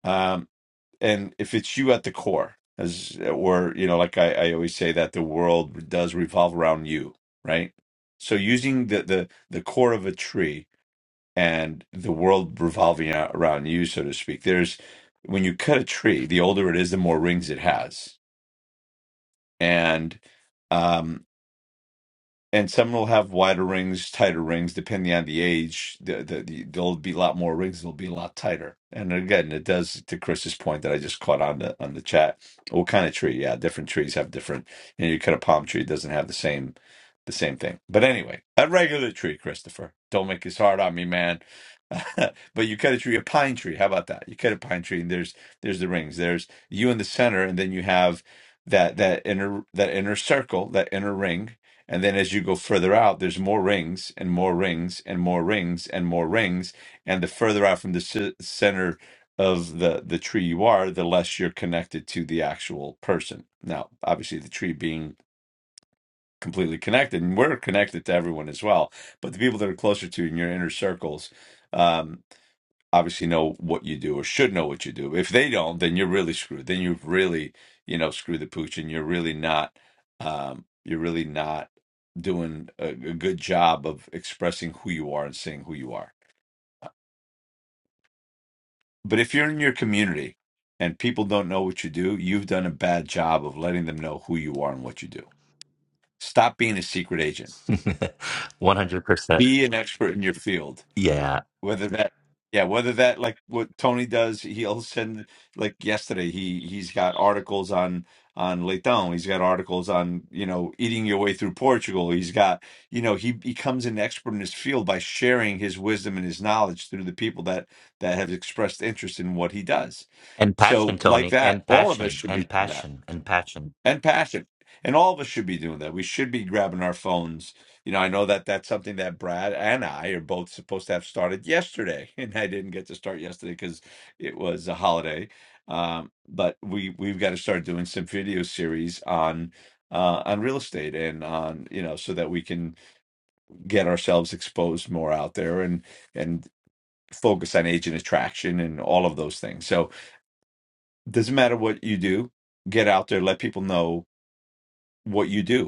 C: Um, and if it's you at the core as or you know like I, I always say that the world does revolve around you right so using the the the core of a tree and the world revolving a- around you so to speak there's when you cut a tree the older it is the more rings it has and um, and some will have wider rings, tighter rings, depending on the age. The, the, the, there'll be a lot more rings. They'll be a lot tighter. And again, it does to Chris's point that I just caught on the on the chat. What kind of tree? Yeah, different trees have different. You know, you cut a palm tree it doesn't have the same the same thing. But anyway, a regular tree, Christopher. Don't make this hard on me, man. but you cut a tree, a pine tree. How about that? You cut a pine tree, and there's there's the rings. There's you in the center, and then you have that that inner that inner circle, that inner ring and then as you go further out, there's more rings and more rings and more rings and more rings. And the further out from the c- center of the, the tree you are, the less you're connected to the actual person. Now, obviously, the tree being completely connected, and we're connected to everyone as well. But the people that are closer to you in your inner circles, um, obviously know what you do or should know what you do. If they don't, then you're really screwed. Then you've really, you know, screwed the pooch, and you're really not, um, you're really not doing a, a good job of expressing who you are and saying who you are. But if you're in your community and people don't know what you do, you've done a bad job of letting them know who you are and what you do. Stop being a secret agent.
H: One hundred percent.
C: Be an expert in your field
H: Yeah,
C: whether that yeah whether that like what tony does he'll send like yesterday he he's got articles on on leitão he's got articles on you know eating your way through portugal he's got you know he becomes an expert in his field by sharing his wisdom and his knowledge through the people that that have expressed interest in what he does
H: and passion,
C: so like
H: Tony,
C: that
H: and
C: all of
H: passion,
C: us should
H: and
C: be doing that
H: passion, and passion.
C: and passion. And all of us should be doing that. We should be grabbing our phones. You know, I know that that's something that Brad and I are both supposed to have started yesterday, and I didn't get to start yesterday because it was a holiday. Um, but we we've got to start doing some video series on uh, on real estate and on you know so that we can get ourselves exposed more out there and and focus on agent attraction and all of those things. So it doesn't matter what you do, get out there, let people know what you do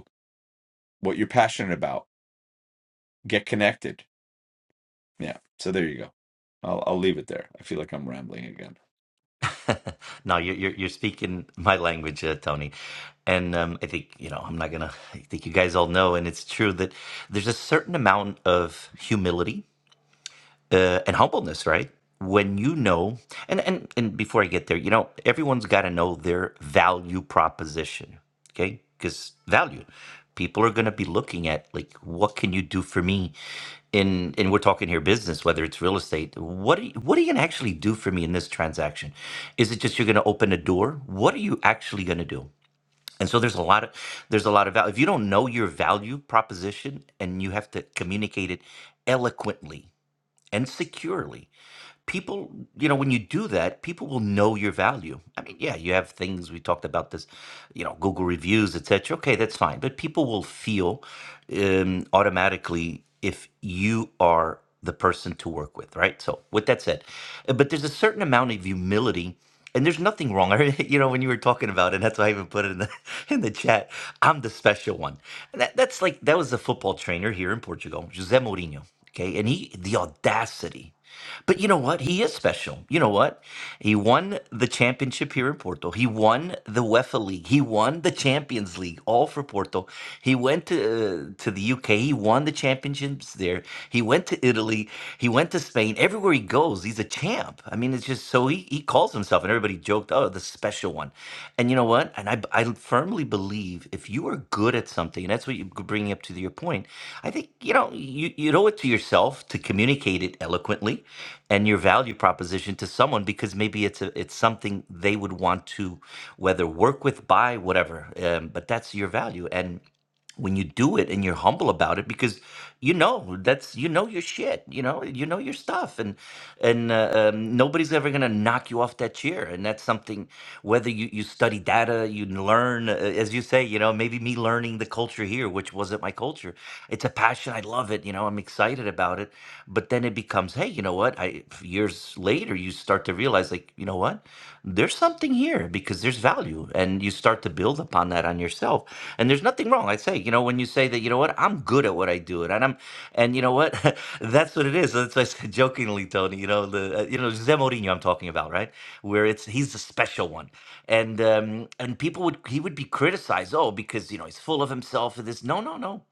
C: what you're passionate about. Get connected. Yeah. So there you go. I'll I'll leave it there. I feel like I'm rambling again.
H: no, you're, you're you're speaking my language, uh, Tony, and um, I think you know I'm not gonna. I think you guys all know, and it's true that there's a certain amount of humility uh, and humbleness, right? When you know, and and and before I get there, you know, everyone's got to know their value proposition, okay? Because value, people are going to be looking at like, what can you do for me? In and we're talking here business, whether it's real estate. What are you, what are you going to actually do for me in this transaction? Is it just you're going to open a door? What are you actually going to do? And so there's a lot of there's a lot of value. If you don't know your value proposition and you have to communicate it eloquently and securely people you know when you do that people will know your value i mean yeah you have things we talked about this you know google reviews etc okay that's fine but people will feel um, automatically if you are the person to work with right so with that said uh, but there's a certain amount of humility and there's nothing wrong. I you know, when you were talking about it, and that's why I even put it in the in the chat. I'm the special one. And that, that's like that was a football trainer here in Portugal, José Mourinho. Okay, and he the audacity. But you know what? He is special. You know what? He won the championship here in Porto. He won the UEFA League. He won the Champions League, all for Porto. He went to uh, to the UK. He won the championships there. He went to Italy. He went to Spain. Everywhere he goes, he's a champ. I mean, it's just so he, he calls himself, and everybody joked, "Oh, the special one. And you know what? And I, I firmly believe if you are good at something, and that's what you're bringing up to your point, I think, you know, you, you owe it to yourself to communicate it eloquently and your value proposition to someone because maybe it's a, it's something they would want to whether work with, buy, whatever. Um, but that's your value. and when you do it and you're humble about it because you know that's you know your shit you know you know your stuff and and uh, um, nobody's ever going to knock you off that chair and that's something whether you, you study data you learn uh, as you say you know maybe me learning the culture here which wasn't my culture it's a passion i love it you know i'm excited about it but then it becomes hey you know what i years later you start to realize like you know what there's something here because there's value and you start to build upon that on yourself and there's nothing wrong i say you know when you say that you know what i'm good at what i do and i'm and you know what that's what it is that's why i said jokingly tony you know the uh, you know Jose Mourinho i'm talking about right where it's he's the special one and um and people would he would be criticized oh because you know he's full of himself and this no no no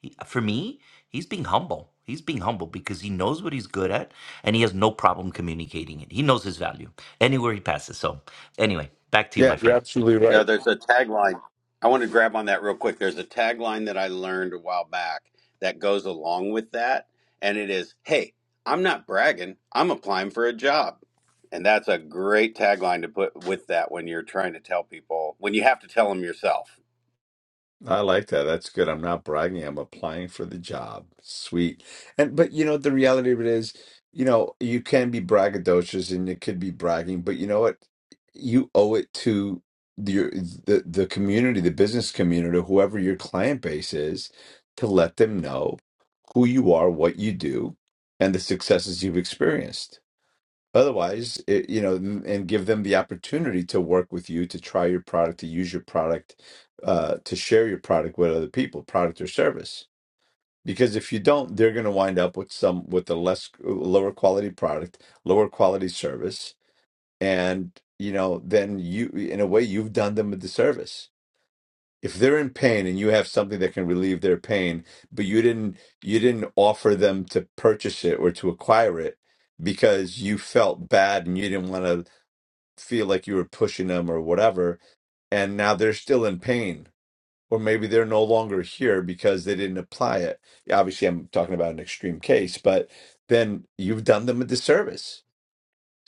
H: he, for me He's being humble. He's being humble because he knows what he's good at and he has no problem communicating it. He knows his value anywhere he passes. So, anyway, back to you,
C: Yeah,
H: my
C: you're
H: friend.
C: absolutely
E: No,
C: right.
E: there's a tagline. I want to grab on that real quick. There's a tagline that I learned a while back that goes along with that. And it is, hey, I'm not bragging. I'm applying for a job. And that's a great tagline to put with that when you're trying to tell people, when you have to tell them yourself.
C: I like that. That's good. I'm not bragging. I'm applying for the job. Sweet. And but you know the reality of it is, you know, you can be braggadocious and it could be bragging, but you know what? You owe it to your the the community, the business community, whoever your client base is, to let them know who you are, what you do, and the successes you've experienced. Otherwise, it, you know, m- and give them the opportunity to work with you, to try your product, to use your product, uh, to share your product with other people, product or service. Because if you don't, they're going to wind up with some with a less uh, lower quality product, lower quality service, and you know, then you in a way you've done them a disservice. If they're in pain and you have something that can relieve their pain, but you didn't you didn't offer them to purchase it or to acquire it because you felt bad and you didn't want to feel like you were pushing them or whatever, and now they're still in pain, or maybe they're no longer here because they didn't apply it. Yeah, Obviously, I'm talking about an extreme case, but then you've done them a disservice.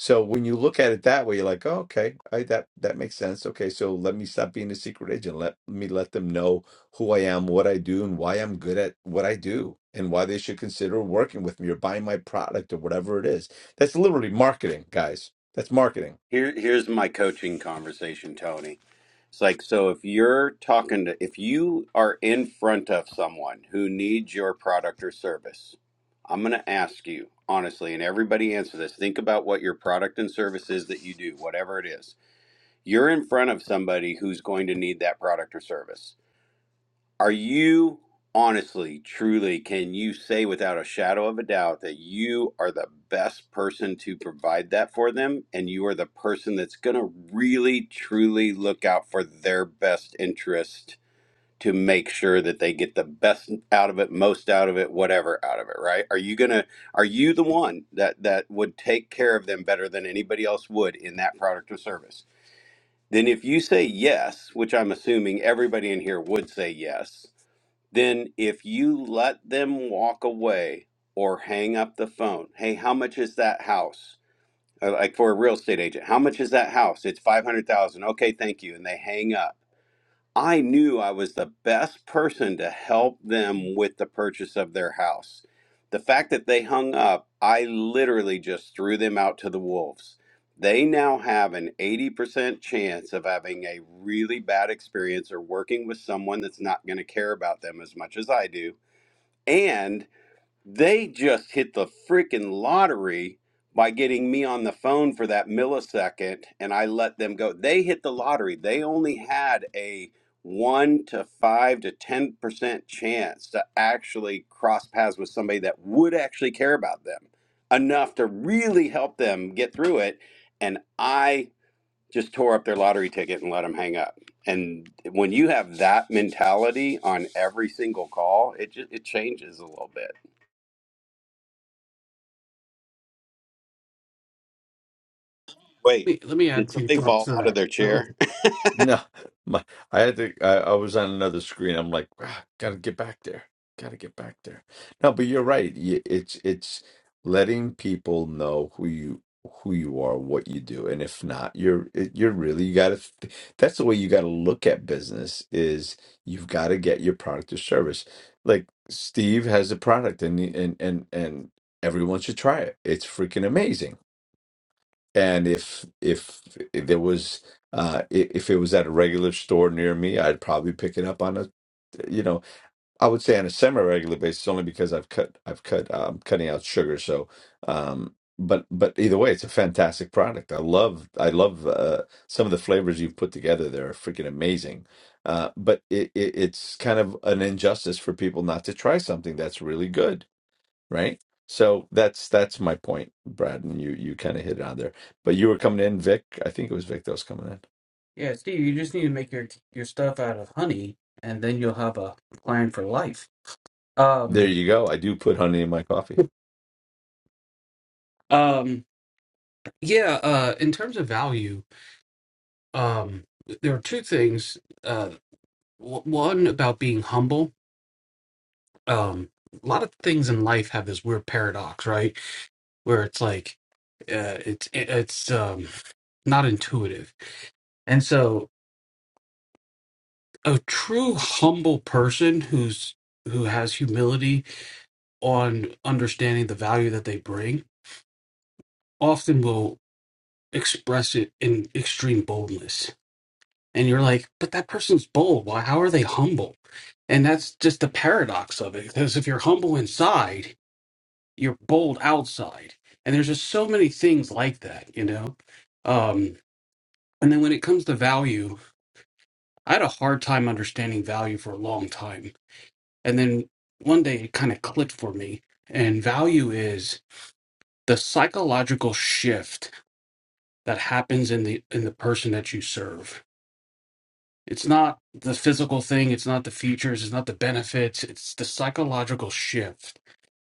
C: So when you look at it that way, you're like, oh, okay, I, that that makes sense. Okay, so let me stop being a secret agent. Let me let them know who I am, what I do, and why I'm good at what I do, and why they should consider working with me or buying my product or whatever it is. That's literally marketing, guys. That's marketing
E: Here, here's my coaching conversation, Tony. It's like, so if you're talking to, if you are in front of someone who needs your product or service, I'm going to ask you honestly, and everybody answer this. Think about what your product and service is that you do, whatever it is. You're in front of somebody who's going to need that product or service are you honestly, truly, can you say without a shadow of a doubt that you are the best person to provide that for them? And you are the person that's going to really, truly look out for their best interest to make sure that they get the best out of it, most out of it, whatever out of it, right? Are you going to, are you the one that, that would take care of them better than anybody else would in that product or service? Then if you say yes, which I'm assuming everybody in here would say yes, then if you let them walk away or hang up the phone, hey, how much is that house? Uh, Like for a real estate agent, how much is that house? It's 500,000. Okay, thank you. And they hang up. I knew I was the best person to help them with the purchase of their house. The fact that they hung up, I literally just threw them out to the wolves. They now have an 80% chance of having a really bad experience or working with someone that's not going to care about them as much as I do. and. They just hit the freaking lottery by getting me on the phone for that millisecond and I let them go. They hit the lottery. They only had a 1 to 5 to 10% chance to actually cross paths with somebody that would actually care about them enough to really help them get through it and I just tore up their lottery ticket and let them hang up. And when you have that mentality on every single call, it just it changes a little bit. Wait,
B: Let me, let me add
E: did
B: two
E: somebody
B: thoughts
E: fall
B: to
E: out of their
B: that.
E: chair?
C: No, my I had to. I, I was on another screen. I'm like, ah, gotta get back there. Gotta get back there. No, but you're right. Y- It's it's letting people know who you who you are, what you do, and if not, you're it- you're really you gotta. th- That's the way you gotta look at business. Is you've got to get your product or service. Like Steve has a product, and and and and everyone should try it. It's freaking amazing and if if if there was uh i- if it was at a regular store near me i'd probably pick it up on a you know i would say on a semi-regular basis only because i've cut i've cut um cutting out sugar so um but but either way it's a fantastic product i love i love uh some of the flavors you've put together they're freaking amazing uh but it, it it's kind of an injustice for people not to try something that's really good right? So that's that's my point, Brad, and you you kind of hit it on there. But you were coming in, Vic. I think it was Vic that was coming in.
B: Yeah, Steve, you just need to make your your stuff out of honey, and then you'll have a client for life.
C: There
B: Um,
C: you go. I do put honey in my coffee.
B: um, yeah. Uh, in terms of value, um, there are two things. Uh, w- one about being humble. Um, a lot of things in life have this weird paradox, right? Where it's like, uh, it's it's um not intuitive, and so a true humble person who's who has humility on understanding the value that they bring often will express it in extreme boldness. And you're like, but that person's bold. Why? How are they humble? And that's just the paradox of it. Because if you're humble inside, you're bold outside. And there's just so many things like that, you know? Um, and then when it comes to value, I had a hard time understanding value for a long time. And then one day it kind of clicked for me. And value is the psychological shift that happens in the in the person that you serve It's not the physical thing, it's not the features, it's not the benefits, it's the psychological shift.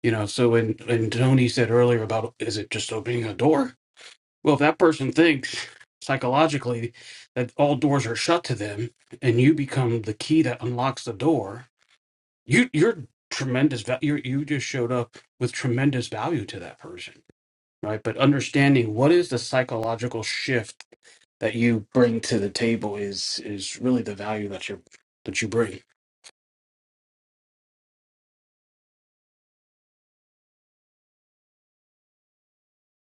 B: You know, so when, when Tony said earlier about is it just opening a door? Well, if that person thinks psychologically that all doors are shut to them and you become the key that unlocks the door, you you're tremendous value you you just showed up with tremendous value to that person, right? But understanding what is the psychological shift that you bring to the table is is really the value that you that you bring.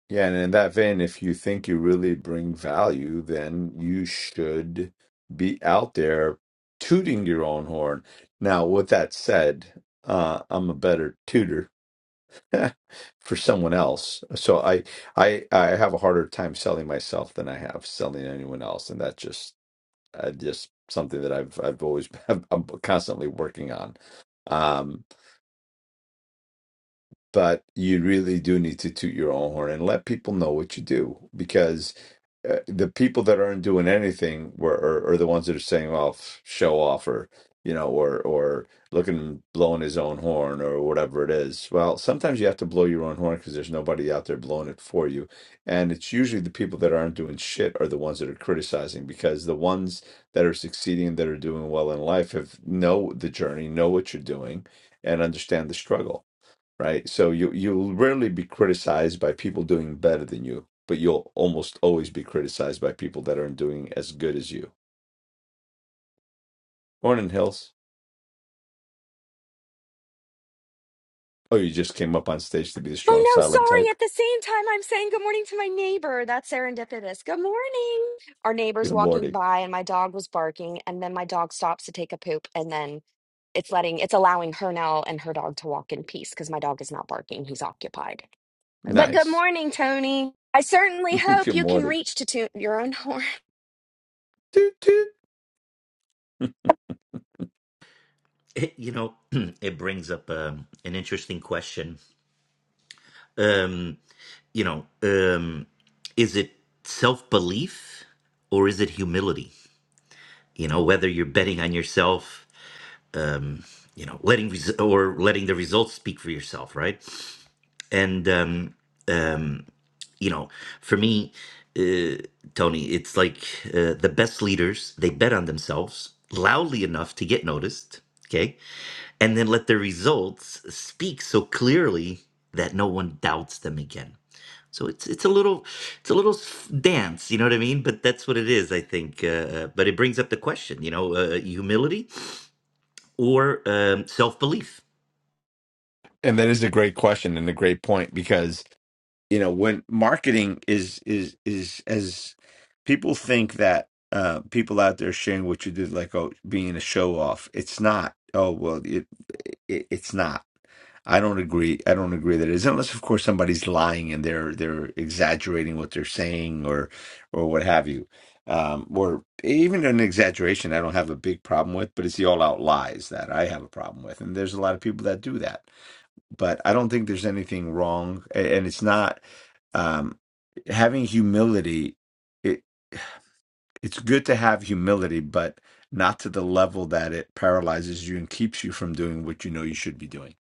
C: Yeah, and in that vein, if you think you really bring value, then you should be out there tooting your own horn. Now, with that said, uh, I'm a better tutor for someone else, so I I I have a harder time selling myself than I have selling anyone else, and that just uh, just something that I've I've always I'm constantly working on. Um, but you really do need to toot your own horn and let people know what you do because uh, the people that aren't doing anything were are, are the ones that are saying, "Well, f- show off," or you know, or or looking blowing his own horn or whatever it is. Well, sometimes you have to blow your own horn because there's nobody out there blowing it for you, and it's usually the people that aren't doing shit are the ones that are criticizing because the ones that are succeeding that are doing well in life have know the journey, know what you're doing, and understand the struggle right? So you you'll rarely be criticized by people doing better than you, but you'll almost always be criticized by people that aren't doing as good as you. Morning, Hills. Oh, you just came up on stage to be the strong
I: Oh no,
C: silent
I: sorry.
C: type.
I: At the same time, I'm saying good morning to my neighbor. That's serendipitous. Good morning. Our neighbor's
C: Good
I: walking
C: morning.
I: by and my dog was barking, and then my dog stops to take a poop, and then it's letting it's allowing her now and her dog to walk in peace because my dog is not barking. He's occupied. But good
C: Nice.
I: morning, Tony. I certainly hope
C: good
I: you can
C: morning.
I: reach to toot your own horn.
C: Toot toot.
H: It, you know, it brings up um, an interesting question. Um, you know, um, is it self belief or is it humility? You know, whether you're betting on yourself, um, you know, letting res- or letting the results speak for yourself, right? And um, um, you know, for me, uh, Tony, it's like uh, the best leaders, they bet on themselves loudly enough to get noticed, okay? And then let their results speak so clearly that no one doubts them again. So it's it's a little it's a little s- dance, you know what I mean? But that's what it is, I think. Uh, uh, but it brings up the question, you know, uh, humility or um, self belief.
C: And that is a great question and a great point because you know when marketing is is is as people think that uh people out there sharing what you did like oh being a show off it's not oh well it, it it's not i don't agree i don't agree that it is unless of course somebody's lying and they're they're exaggerating what they're saying or or what have you um or even an exaggeration i don't have a big problem with but it's the all out lies that i have a problem with and there's a lot of people that do that but I don't think there's anything wrong, a- and it's not um, having humility. It it's good to have humility, but not to the level that it paralyzes you and keeps you from doing what you know you should be doing.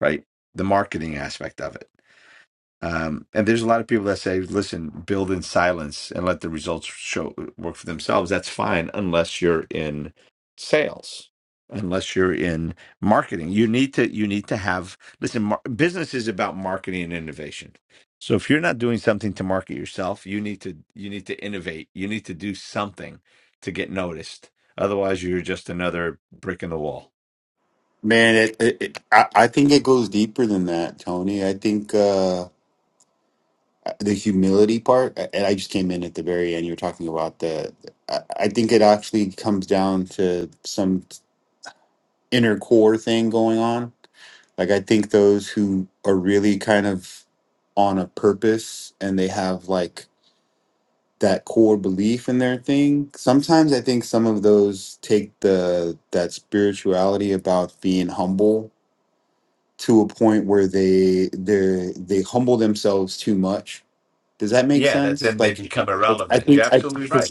C: Right, the marketing aspect of it. Um, and there's a lot of people that say, listen, build in silence and let the results show work for themselves. That's fine unless you're in sales, unless you're in marketing. You need to you need to have listen, mar- business is about marketing and innovation. So if you're not doing something to market yourself, you need to you need to innovate. You need to do something to get noticed. Otherwise, you're just another brick in the wall.
J: Man, it, it, it, I, I think it goes deeper than that, Tony. I think uh, the humility part, and I just came in at the very end. You were talking about the, I, I think it actually comes down to some inner core thing going on. Like, I think those who are really kind of on a purpose and they have like that core belief in their thing, sometimes I think some of those take the, that spirituality about being humble to a point where they they they humble themselves too much. Does that make
C: Yeah, that
J: sense?
C: then they
J: Like,
C: become
J: like, I
C: irrelevant.
J: think
C: You're
J: I
C: absolutely right.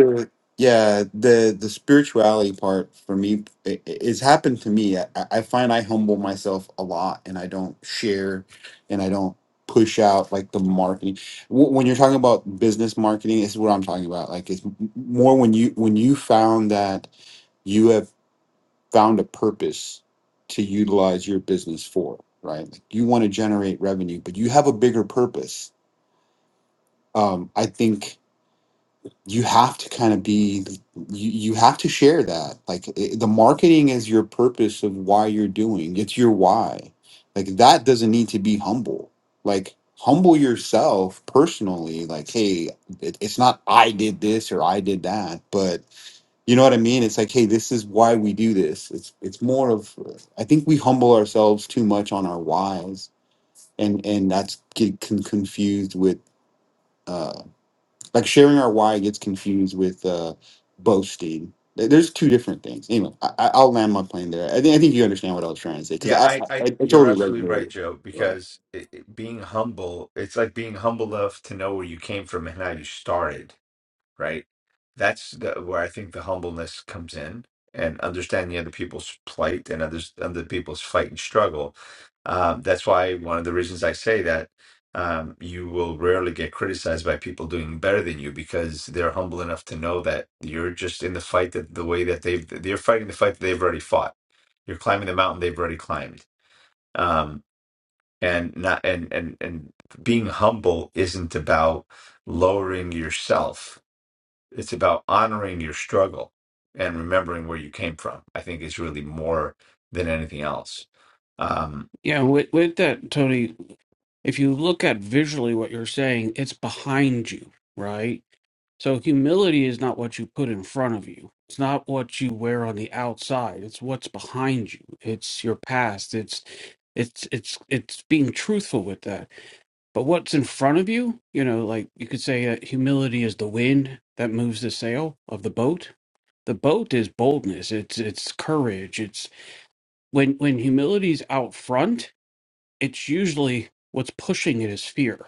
J: the- yeah the the spirituality part for me i- i- it's happened to me. I, I find I humble myself a lot, and I don't share, and I don't push out like the marketing. Wh- When you're talking about business marketing, this is what I'm talking about. Like, it's m- more when you when you found that found a purpose to utilize your business for, right? Like you want to generate revenue, but you have a bigger purpose. Um, I think you have to kind of be, you, you have to share that. Like i the marketing is your purpose of why you're doing, it's your why. Like that doesn't need to be humble. Like humble yourself personally, like, hey, it, it's not I did this or I did that, but you know what I mean? It's like, hey, this is why we do this. It's it's more of I think we humble ourselves too much on our whys, and and that's get con- confused with uh like sharing our why gets confused with uh boasting. There- There's two different things. Anyway, I, I- I'll land my plane there. I think I think you understand what I was trying to say because
C: Yeah,
J: I,
C: I,
J: I I
C: I, you're
J: totally
C: absolutely
J: resonate with
C: right,
J: it.
C: Joe,
J: Right.
C: because it, it- being humble, it's like being humble enough to know where you came from and how you started right? That's the, where I think the humbleness comes in and understanding other people's plight and others, other people's fight and struggle. Um, that's why one of the reasons I say that um, you will rarely get criticized by people doing better than you because they're humble enough to know that you're just in the fight that the way that they've, they're fighting the fight that they've already fought. You're climbing the mountain they've already climbed. Um, and not, and, and, and being humble isn't about lowering yourself it's about honoring your struggle and remembering where you came from. I think is really more than anything else. Um,
B: Yeah, with with that, Tony, if you look at visually what you're saying, it's behind you, right? So humility is not what you put in front of you. It's not what you wear on the outside. It's what's behind you. It's your past. It's it's it's it's being truthful with that. But what's in front of you, you know, like you could say uh, humility is the wind that moves the sail of the boat The boat is boldness. It's it's courage. It's when when humility's out front, it's usually what's pushing it is fear,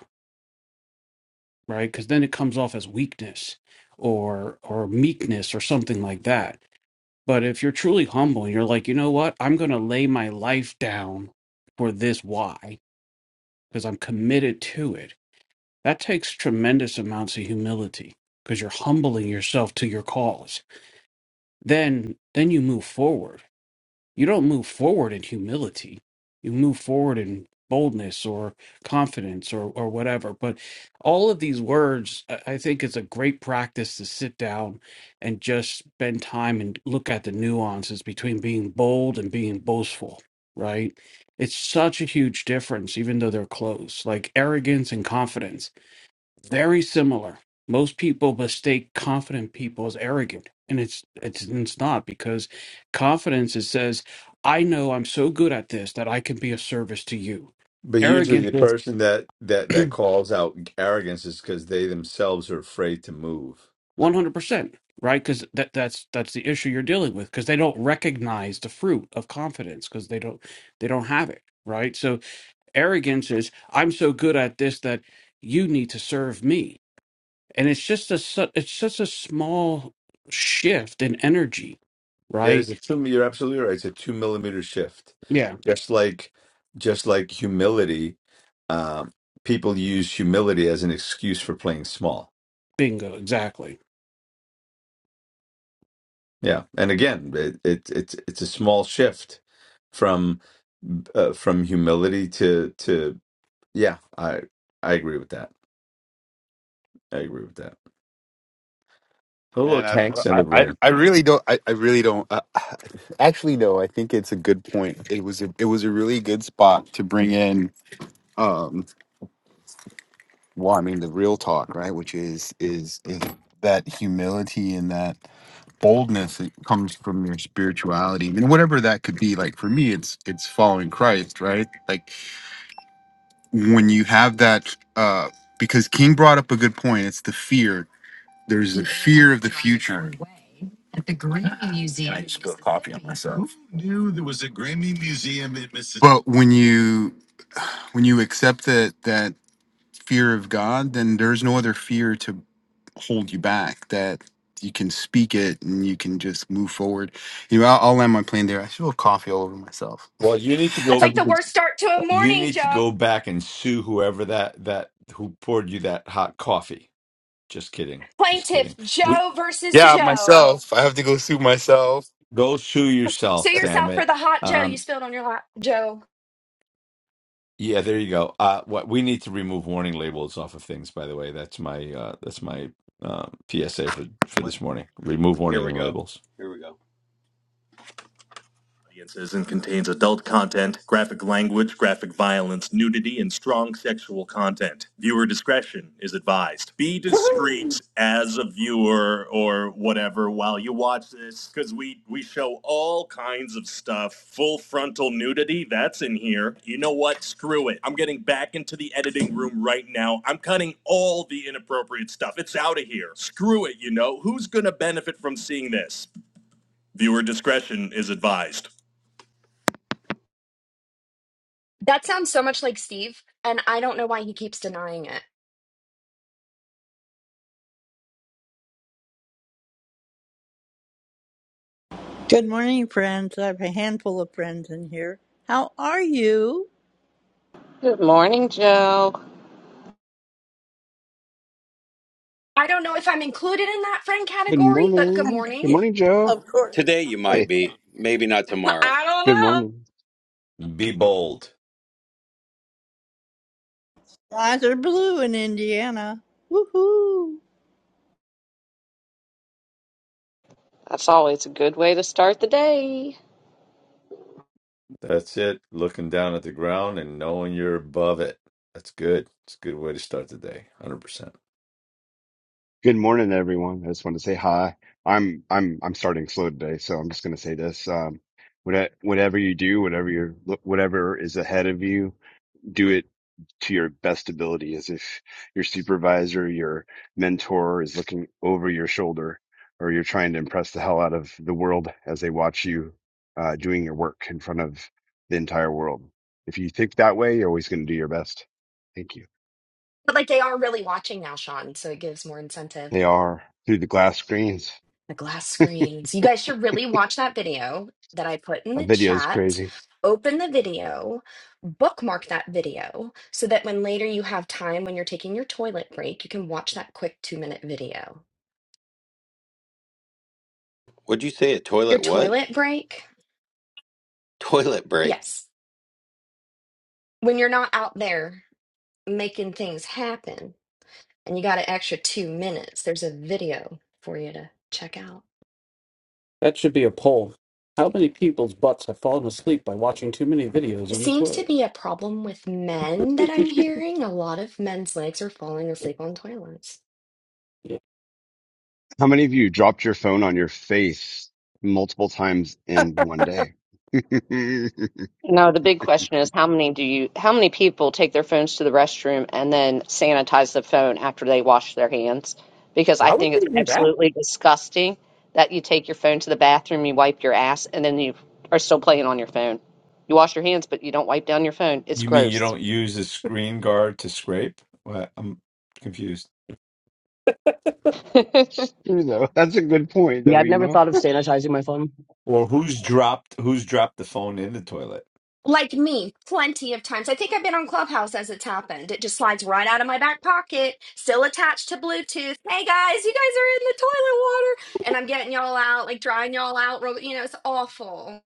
B: right? Because then it comes off as weakness or or meekness or something like that. But if you're truly humble and you're like, you know what, I'm gonna lay my life down for this why because I'm committed to it. That takes tremendous amounts of humility because you're humbling yourself to your cause. Then then you move forward You don't move forward in humility. You move forward in boldness or confidence or, or whatever. But all of these words, I I think it's a great practice to sit down and just spend time and look at the nuances between being bold and being boastful, right? It's such a huge difference, even though they're close, like arrogance and confidence very similar. Most people mistake confident people as arrogant, and it's it's it's not because confidence it says, "I know I'm so good at this that I can be of service to you."
C: But usually,
B: Arrogance
C: the
B: is
C: person that that that calls out arrogance is because they themselves are afraid to move.
B: one hundred percent right because that that's that's the issue you're dealing with because they don't recognize the fruit of confidence because they don't they don't have it right. So arrogance is, "I'm so good at this that you need to serve me." and it's just a su- it's such a small shift in energy
C: It is a
B: right
C: two. You're absolutely right. It's a two millimeter shift.
B: yeah
C: Just like, just like humility, um, people use humility as an excuse for playing small.
B: bingo exactly
C: Yeah, and again, it, it it's it's a small shift from uh, from humility to to yeah. I I agree with that. I agree with that. Oh,
J: Man,
C: look,
J: I
C: Hank's in
J: I,
C: the
J: I
C: room.
J: I really don't. I, I really don't. Uh, actually, no. I think it's a good point. It was a, it was a really good spot to bring in. Um, well, I mean, the real talk, right? Which is is is that humility and that boldness that comes from your spirituality, and whatever that could be. Like for me, it's it's following Christ, right? Like when you have that, uh, because King brought up a good point. It's the fear. There's the fear of the future. I just spilled coffee on myself. Knew there was a Grammy Museum in Mississippi. But when you when you accept that that fear of God, then there's no other fear to hold you back that you can speak it and you can just move forward. You know, I'll, I'll land my plane there. I should have coffee all over myself.
C: Well, you need to
I: That's
C: go.
J: Have
I: like
J: a
I: the
J: good-
I: worst start to a
C: You
I: morning,
C: need to
I: Joe.
C: go back and sue whoever that that who poured you that hot coffee. Just kidding. Just
I: Plaintiff
C: kidding. We,
I: Joe versus
J: yeah,
I: Joe.
J: myself. I have to go sue myself.
C: go sue yourself.
I: Sue
C: Damn
I: yourself for
C: it.
I: the hot Joe you
C: Um,
I: spilled on your lap, Joe.
C: Yeah, there you go. Uh, what we need to remove warning labels off of things, by the way. That's my uh, that's my uh, PSA for for
E: Wait,
C: this morning. Remove
E: here
C: warning
E: we go.
C: labels.
E: Here we go. audiences and contains adult content, graphic language, graphic violence, nudity, and strong sexual content. Viewer discretion is advised. Be discreet as a viewer or whatever while you watch this, because we we show all kinds of stuff. Full frontal nudity, that's in here. You know what? Screw it. I'm getting back into the editing room right now. I'm cutting all the inappropriate stuff. It's out of here. Screw it. You know who's gonna benefit from seeing this? Viewer discretion is advised.
I: That sounds so much like Steve, and I don't know why he keeps denying it.
K: Good morning, friends. I have a handful of friends in here. How are you?
A: Good morning, Joe.
I: I don't know if I'm included in that friend
L: Good
I: category, but good
L: morning. Good
I: morning.
L: morning, Joe.
K: Of course.
E: Today you
K: Of
E: might
L: Hey,
K: course.
E: be, maybe not tomorrow.
I: I don't
L: good
I: know.
L: morning.
C: Be bold.
K: eyes are blue in Indiana. Woohoo!
A: That's always a good way to start the day.
C: That's it. Looking down at the ground and knowing you're above it. That's good. It's a good way to start the day. Hundred percent.
L: Good morning, everyone. I just wanted to say hi. I'm I'm I'm starting slow today, so I'm just going to say this. Um, whate- whatever you do, whatever you're, whatever is ahead of you, do it to your best ability. As if your supervisor, your mentor, is looking over your shoulder, or you're trying to impress the hell out of the world as they watch you uh, doing your work in front of the entire world. If you think that way, you're always going to do your best. Thank you.
I: But like they are really watching now, Sean, so it gives more incentive.
L: They are through the glass screens.
I: The glass screens. You guys should really watch that video that I put in
L: A
I: the
L: video is
I: chat.
L: crazy.
I: Open the video, bookmark that video so that when later you have time when you're taking your toilet break, you can watch that quick two minute video.
E: Would you say a
I: Your
E: toilet what?
I: toilet break?
E: Toilet break.
I: Yes. When you're not out there making things happen and you got an extra two minutes, there's a video for you to check out.
B: that should be a poll how many people's butts have fallen asleep by watching too many videos
I: It
B: on the
I: seems to
B: toilet
I: be a problem with men that I'm hearing. A lot of men's legs are falling asleep on toilets.
B: Yeah.
L: How many of you dropped your phone on your face multiple times in one day?
A: No, the big question is how many do you how many people take their phones to the restroom and then sanitize the phone after they wash their hands? Because I
B: why would
A: think it's
B: they do that
A: absolutely disgusting that you take your phone to the bathroom, you wipe your ass, and then you are still playing on your phone. You wash your hands, but you don't wipe down your phone. It's
C: You mean you
A: gross.
C: don't use a screen guard to scrape? Well, I'm confused.
L: true though. That's a good point
M: Yeah,
L: though,
M: I've
L: you
M: never
L: know?
M: thought of sanitizing my phone.
C: Or who's dropped who's dropped the phone in the toilet?
I: Like me, plenty of times. I think I've been on Clubhouse as it's happened. It just slides right out of my back pocket, still attached to Bluetooth. Hey guys, you guys are in the toilet water. And I'm getting y'all out, like drying y'all out. roll- You know, it's awful.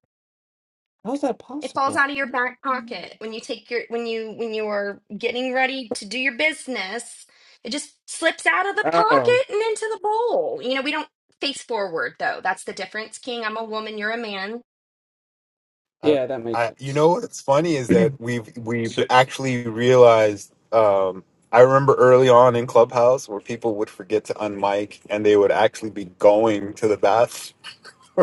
B: how's that
I: It falls
B: possible
I: out of your
C: You
I: back
C: ignore.
I: pocket when you take your when you when you are getting ready to do your business. It just slips out of the
B: oh
I: pocket and into the bowl. You know, we don't face forward though. That's the difference, King. I'm a woman, you're a man.
J: I,
B: yeah that makes
J: I, you
B: sense
J: know what's funny is that we've we've
C: So,
J: actually realized. Um, I remember early on in Clubhouse where people would forget to unmic and they would actually be going to the bathroom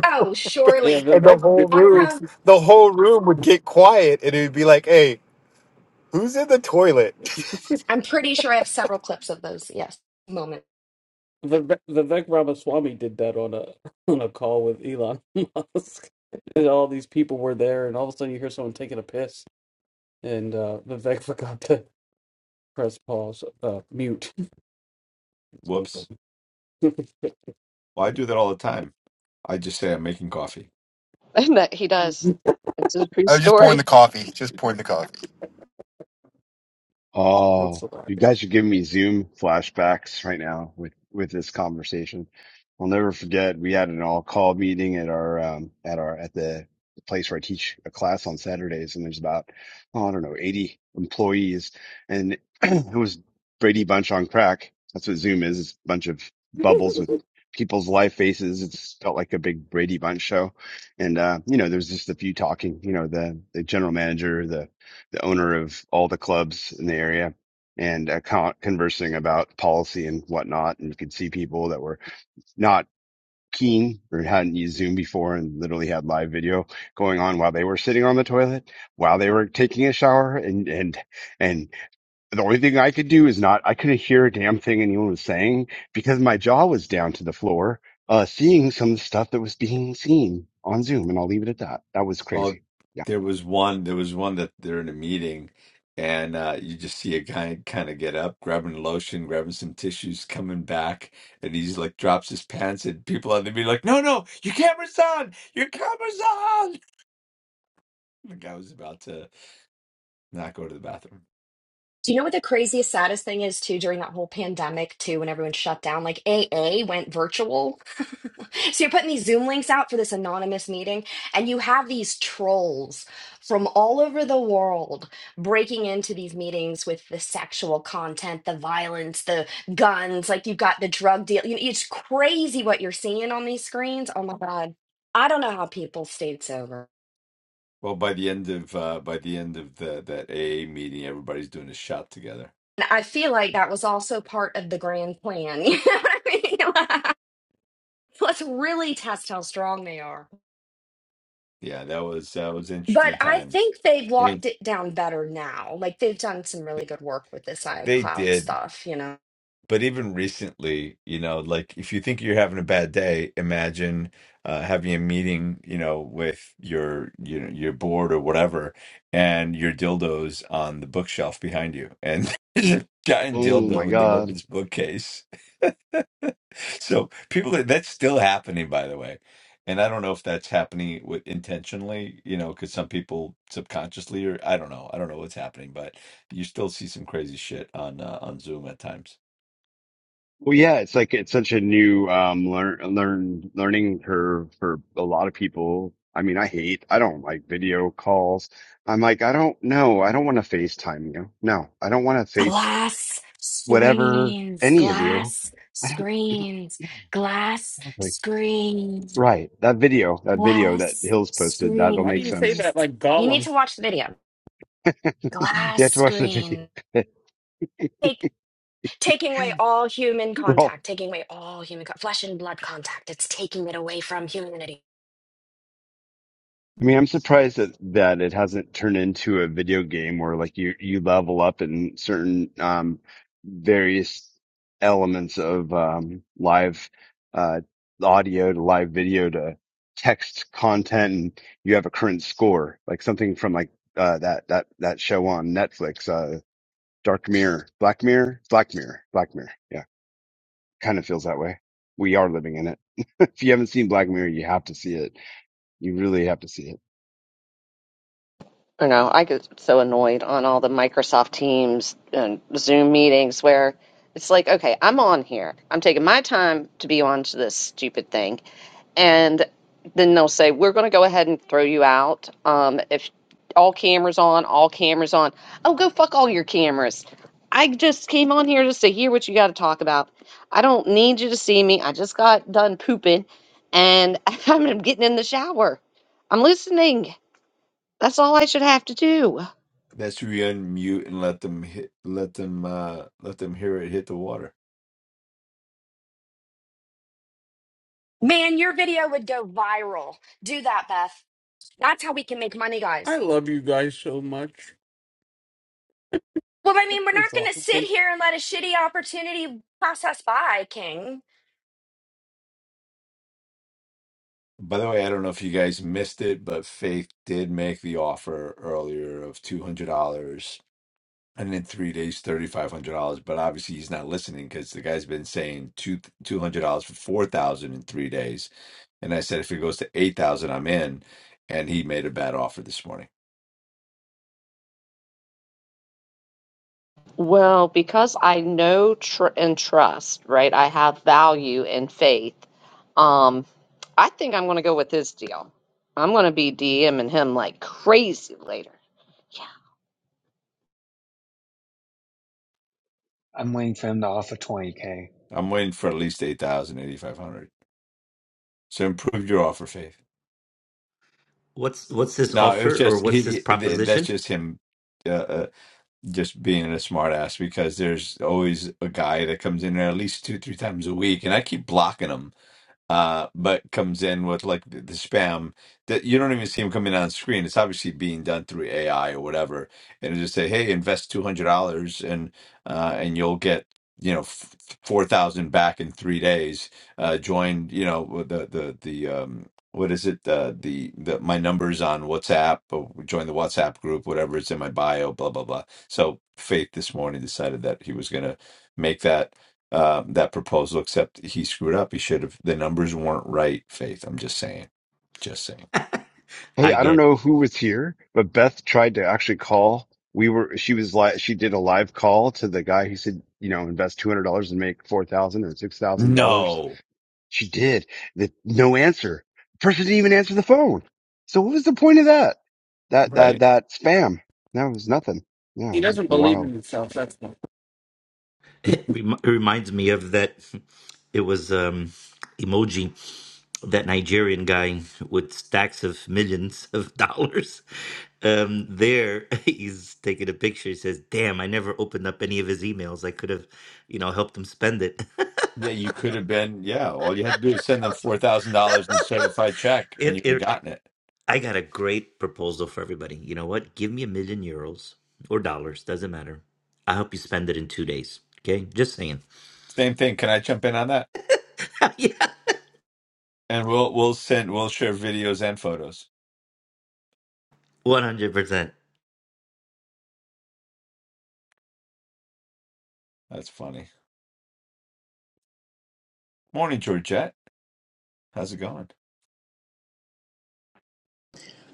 I: Oh,
B: yeah
I: surely.
J: and the
B: vivek
J: whole
I: I
J: room,
B: vivek,
I: have
J: the whole room would get quiet, and it would be like, "Hey, who's in the toilet?"
I: I'm pretty sure I have several clips of those. Yes, moment.
B: vivek ramaswamy did that on a on a call with elon musk and all these people were there and all of a sudden you hear someone taking a piss and uh, Vivek forgot to press pause, uh, mute. That's kind of
C: whoops.
B: funny.
C: Well, I do that all the time. I just say I'm making coffee.
A: And that he does. It's a true
J: I was just pouring
A: story.
J: the coffee. Just pouring the coffee.
B: That's
L: Oh, you
B: hilarious.
L: guys are giving me Zoom flashbacks right now with with this conversation. I'll never forget we had an all call meeting at our um at our at the place where I teach a class on Saturdays, and there's about oh, I don't know 80 employees, and it was Brady Bunch on crack. That's what Zoom is. It's a bunch of bubbles with people's live faces. It's felt like a big Brady Bunch show, and uh, you know, there's just a few talking. You know, the the general manager, the the owner of all the clubs in the area and uh, con- conversing about policy and whatnot. And you could see people that were not keen or hadn't used Zoom before and literally had live video going on while they were sitting on the toilet, while they were taking a shower. And, and, and the only thing I could do is not, I couldn't hear a damn thing anyone was saying because my jaw was down to the floor, uh, seeing some of the stuff that was being seen on Zoom. And I'll leave it at that. That was
C: Oh,
L: crazy. Yeah.
C: there was one. There was one that they're in a meeting, and uh, you just see a guy kind of get up, grabbing lotion, grabbing some tissues, coming back, and he's like drops his pants, and people on the meeting like, "No, no, your camera's on, your camera's on." The guy was about to not go to the bathroom.
I: Do you know what the craziest, saddest thing is too? During that whole pandemic, too, when everyone shut down, like AA went virtual. so you're putting these Zoom links out for this anonymous meeting, and you have these trolls from all over the world breaking into these meetings with the sexual content, the violence, the guns. Like you've got the drug deal. You It's crazy what you're seeing on these screens. Oh my god, I don't know how people stayed sober.
C: Well, by the end of uh, by the end of the that AA meeting, everybody's doing a shot together.
I: And I feel like that was also part of the grand plan. You know what I mean? Like, Let's really test how strong they are.
C: Yeah, that was that was
I: But
C: interesting
I: I
C: times.
I: think they've
C: I
I: locked
C: mean,
I: it down better now. Like they've done some really good work with this
C: they
I: iCloud
C: did.
I: stuff, you know.
C: but even recently, you know, like if you think you're having a bad day, imagine uh, having a meeting, you know, with your you know your board or whatever, and your dildos on the bookshelf behind you, and there's a giant
L: Oh my
C: dildo in the
L: God.
C: woman's bookcase. so people, that's still happening, by the way. And I don't know if that's happening with intentionally, you know, because some people subconsciously, or I don't know, I don't know what's happening, but you still see some crazy shit on uh, on Zoom at times.
L: Well, yeah, it's like it's such a new um learn learn learning curve for a lot of people. I mean, I hate, I don't like video calls. I'm like, I don't know. I don't want to FaceTime you. No, I don't want to face
I: Glass
L: whatever
I: screens,
L: any of you.
I: glass
L: I don't,
I: screens,
L: yeah,
I: glass
L: exactly.
I: screens,
L: Right. That video, that video that
I: glass
L: Hills posted, that'll
B: Why do
L: make
B: you say
L: sense.
I: screens.
B: that like
I: You need
B: Gollum?
I: to watch the video.
L: You
I: Glass
L: have to watch the video.
I: screen. Take taking away all human
L: We're all
I: contact, taking away all human co- flesh and blood contact. It's taking it away from humanity.
L: I mean, I'm surprised that that it hasn't turned into a video game where like you you level up in certain um various elements of um live uh audio to live video to text content and you have a current score like something from like uh that that that show on Netflix uh Dark Mirror Black Mirror Black Mirror Black Mirror yeah kind of feels that way we are living in it if you haven't seen Black Mirror you have to see it you really have to see it
A: you know, I get so annoyed on all the Microsoft Teams and Zoom meetings where it's like, okay, I'm on here. I'm taking my time to be on to this stupid thing. And then they'll say, we're going to go ahead and throw you out. Um, if all cameras on, all cameras on. Oh, go fuck all your cameras. I just came on here just to hear what you got to talk about. I don't need you to see me. I just got done pooping and I'm getting in the shower. I'm listening. That's all I should have to do.
C: Let's re unmute and let them hit, let them uh let them hear it hit the water.
I: Man, your video would go viral. Do that, Beth. That's how we can make money,
B: I
I: guys.
B: love you guys so much.
I: Well, I
B: This
I: mean, we're not
B: is
I: going to sit
B: awesome.
I: here and let a shitty opportunity pass us by, King.
C: By the way, I don't know if you guys missed it, but Faith did make the offer earlier of two hundred dollars and in three days thirty five hundred dollars. But obviously he's not listening because the guy's been saying two two hundred dollars for four thousand in three days. And I said if it goes to eight thousand, I'm in. And he made a bad offer this morning.
A: Well, because I know tr- and trust, right? I have value and faith. Um, I think I'm going to go with his deal. I'm going to be DMing him like crazy later. Yeah.
D: I'm waiting for him to offer 20k.
C: I'm waiting for at least eight thousand, eighty five hundred. So improve your offer, Faith.
H: What's what's this
C: No, it was
H: offer or
C: just he,
H: what's this
C: he- th that's
H: proposition?
C: just him uh, uh, just being a smart ass because there's always a guy that comes in there at least two, three times a week and I keep blocking him uh, but comes in with like the, the spam that you don't even see them coming on screen. It's obviously being done through AI or whatever, and it just say, "Hey, invest two hundred dollars and uh, and you'll get you know f- four thousand back in three days." Uh, join you know with the the the um, what is it uh, the the my numbers on WhatsApp or join the WhatsApp group, whatever it's in my bio, blah blah blah. So Faith this morning decided that he was gonna make that uh, that proposal, except he screwed up. He should have, the numbers weren't right, Faith. I'm just saying, just saying.
L: Hey,
H: I
L: I don't
H: get
L: know who was here, but Beth tried to actually call. We were, she was like, she did a live call to the guy who said, you know, invest $200 and make 4000 or $6,000.
C: No.
L: She did. The, no answer. The person didn't even answer the phone. So what was the point of that? That, that,
C: Right?
L: that spam. That was nothing. Yeah,
B: He
L: it was
B: doesn't believe in
L: wild.
B: himself. That's not.
H: It, rem- it reminds me of that. It was um, emoji, that Nigerian guy with stacks of millions of dollars. Um, there, he's taking a picture. He says, "Damn, I never opened up any of his emails. I could have, you know, helped him spend it."
C: Yeah, you could have been, yeah, all you had to do is send them $4,000 in certified check and
H: it,
C: you would
H: it
C: have gotten it.
H: I got a great proposal for everybody. You know what? Give me a million euros or dollars, doesn't matter. I'll help you spend it in two days. Okay, just saying.
C: Same thing. Can I jump in on that?
H: yeah,
C: And we'll, we'll send, we'll share videos and photos.
H: one hundred percent.
C: That's funny. Morning, Georgette. How's it going?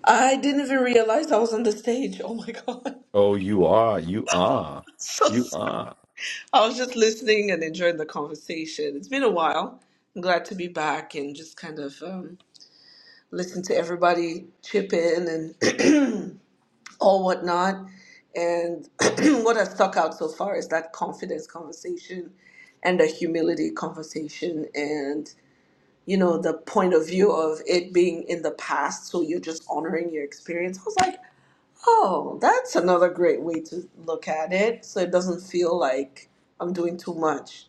N: I didn't even realize I was on the stage. Oh my God.
C: Oh, you are, you are,
N: So
C: you
N: sorry.
C: are.
N: I was just listening and enjoying the conversation. It's been a while. I'm glad to be back and just kind of um, listen to everybody chip in and all whatnot. And what has stuck out so far is that confidence conversation and the humility conversation and you know the point of view of it being in the past so you're just honoring your experience i was like Oh, that's another great way to look at it. So it doesn't feel like I'm doing too much.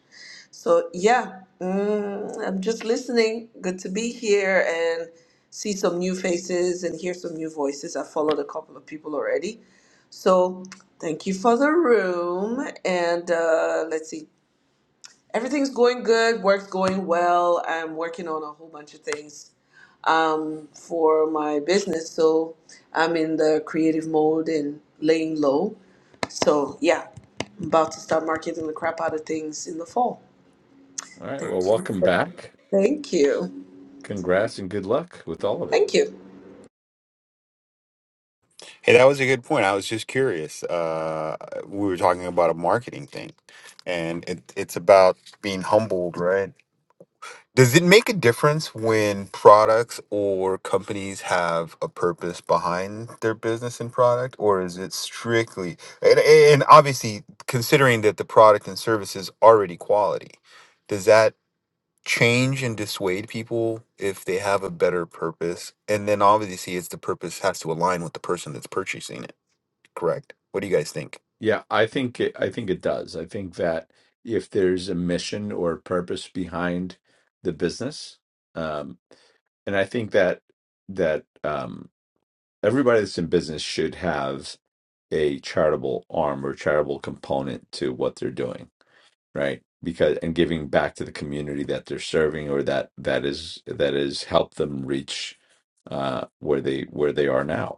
N: So, yeah, mm, I'm just listening. Good to be here and see some new faces and hear some new voices. I followed a couple of people already. So, thank you for the room. And uh, let's see, everything's going good, work's going well. I'm working on a whole bunch of things um, for my business. So I'm in the creative mode and laying low. So yeah, I'm about to start marketing the crap out of things in the fall.
C: All right. Well,
N: Thank you.
C: welcome back.
N: Thank you.
C: Congrats and good luck with all of it.
N: Thank you.
J: Hey, that was a good point. I was just curious. Uh, we were talking about a marketing thing, and it, it's about being humbled, right? Does it make a difference when products or companies have a purpose behind their business and product, or is it strictly and, and obviously considering that the product and service is already quality, does that change and dissuade people if they have a better purpose? And then obviously, it's the purpose has to align with the person that's purchasing it. Correct. What do you guys think?
C: Yeah, I think it, I think it does. I think that if there's a mission or purpose behind the business, um, and I think that that um, everybody that's in business should have a charitable arm or charitable component to what they're doing, right? Because and giving back to the community that they're serving or that that is that is helped them reach uh, where they where they are now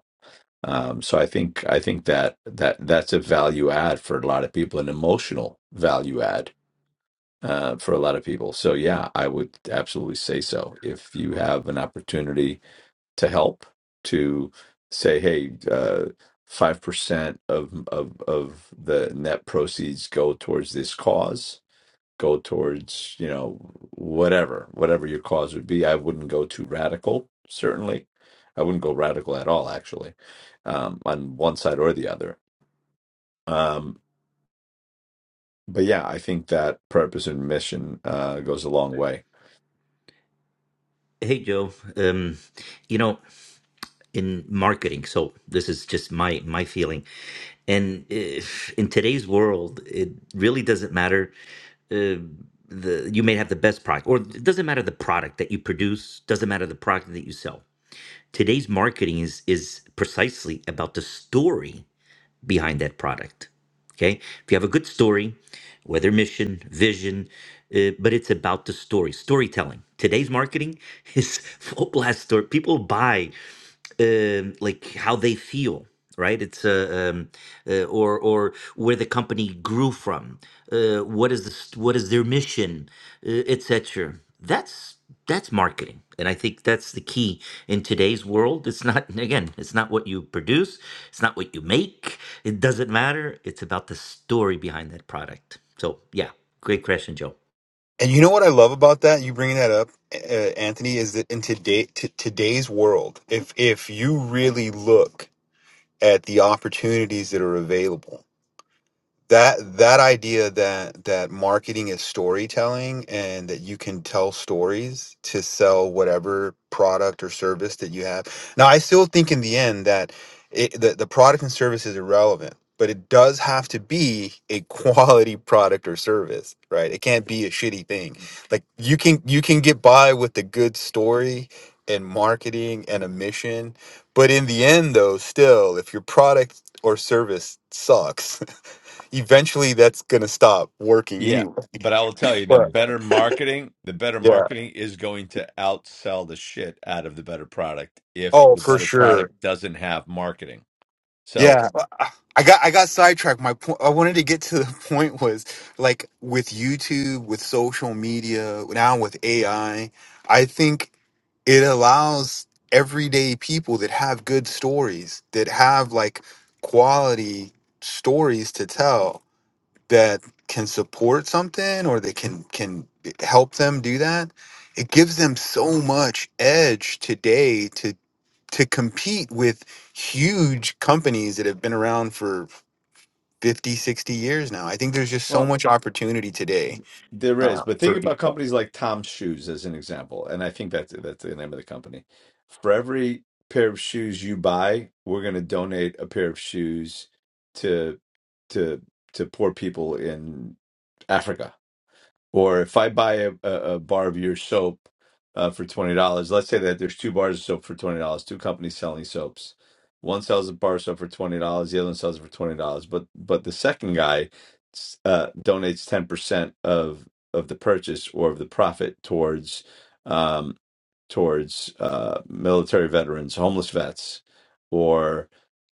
C: um, so I think I think that that that's a value add for a lot of people, an emotional value add uh, for a lot of people. So yeah, I would absolutely say so. If you have an opportunity to help, to say, hey, uh, five percent of of of the net proceeds go towards this cause go towards you know whatever whatever your cause would be i wouldn't go too radical certainly i wouldn't go radical at all actually um on one side or the other um but yeah i think that purpose and mission uh goes a long way
H: Hey Joe, um, you know in marketing. So this is just my my feeling. And if, in today's world, it really doesn't matter. Uh, the you may have the best product, or it doesn't matter the product that you produce. Doesn't matter the product that you sell. Today's marketing is is precisely about the story behind that product. Okay. If you have a good story, whether mission, vision, uh, but it's about the story, storytelling. Today's marketing is full blast story. People buy um, like how they feel, right? It's uh, um, uh, or or where the company grew from. Uh, what is the st- what is their mission, uh, etc. That's that's marketing, and I think that's the key in today's world. It's not again, it's not what you produce, it's not what you make, it doesn't matter. It's about the story behind that product. So, yeah, great question, Joe.
J: And you know what I love about that? You bringing that up, uh, Anthony, is that in today t- today's world, if if you really look at the opportunities that are available, that that idea that that marketing is storytelling and that you can tell stories to sell whatever product or service that you have now i still think in the end that it, the, the product and service is irrelevant but it does have to be a quality product or service right it can't be a shitty thing like you can you can get by with a good story and marketing and a mission but in the end though still if your product or service sucks eventually that's going to stop working
C: Yeah,
J: anyway.
C: but I will tell you the
J: Right.
C: better marketing, the better
J: Yeah.
C: marketing is going to outsell the shit out of the better product if
J: Oh,
C: the
J: for
C: better product
J: sure.
C: doesn't have marketing. So,
J: Yeah. uh, uh, I got I got sidetracked. My point I wanted to get to the point was like with YouTube, with social media, now with AI, I I think it allows everyday people that have good stories, that have like quality stories to tell that can support something or they can can help them do that it gives them so much edge today to to compete with huge companies that have been around for 50, 60 years now i think there's just so
C: well
J: much opportunity today
C: There is, but think about companies like Tom's Shoes as an example, and I think that's that's the name of the company. For every pair of shoes you buy, we're going to donate a pair of shoes to to to poor people in Africa. Or if I buy a, a, a bar of your soap uh, for twenty dollars, let's say that there's two bars of soap for twenty dollars, two companies selling soaps. One sells a bar of soap for twenty dollars, the other one sells it for twenty dollars. But but the second guy s- uh, donates ten percent of of the purchase or of the profit towards um, towards uh, military veterans, homeless vets,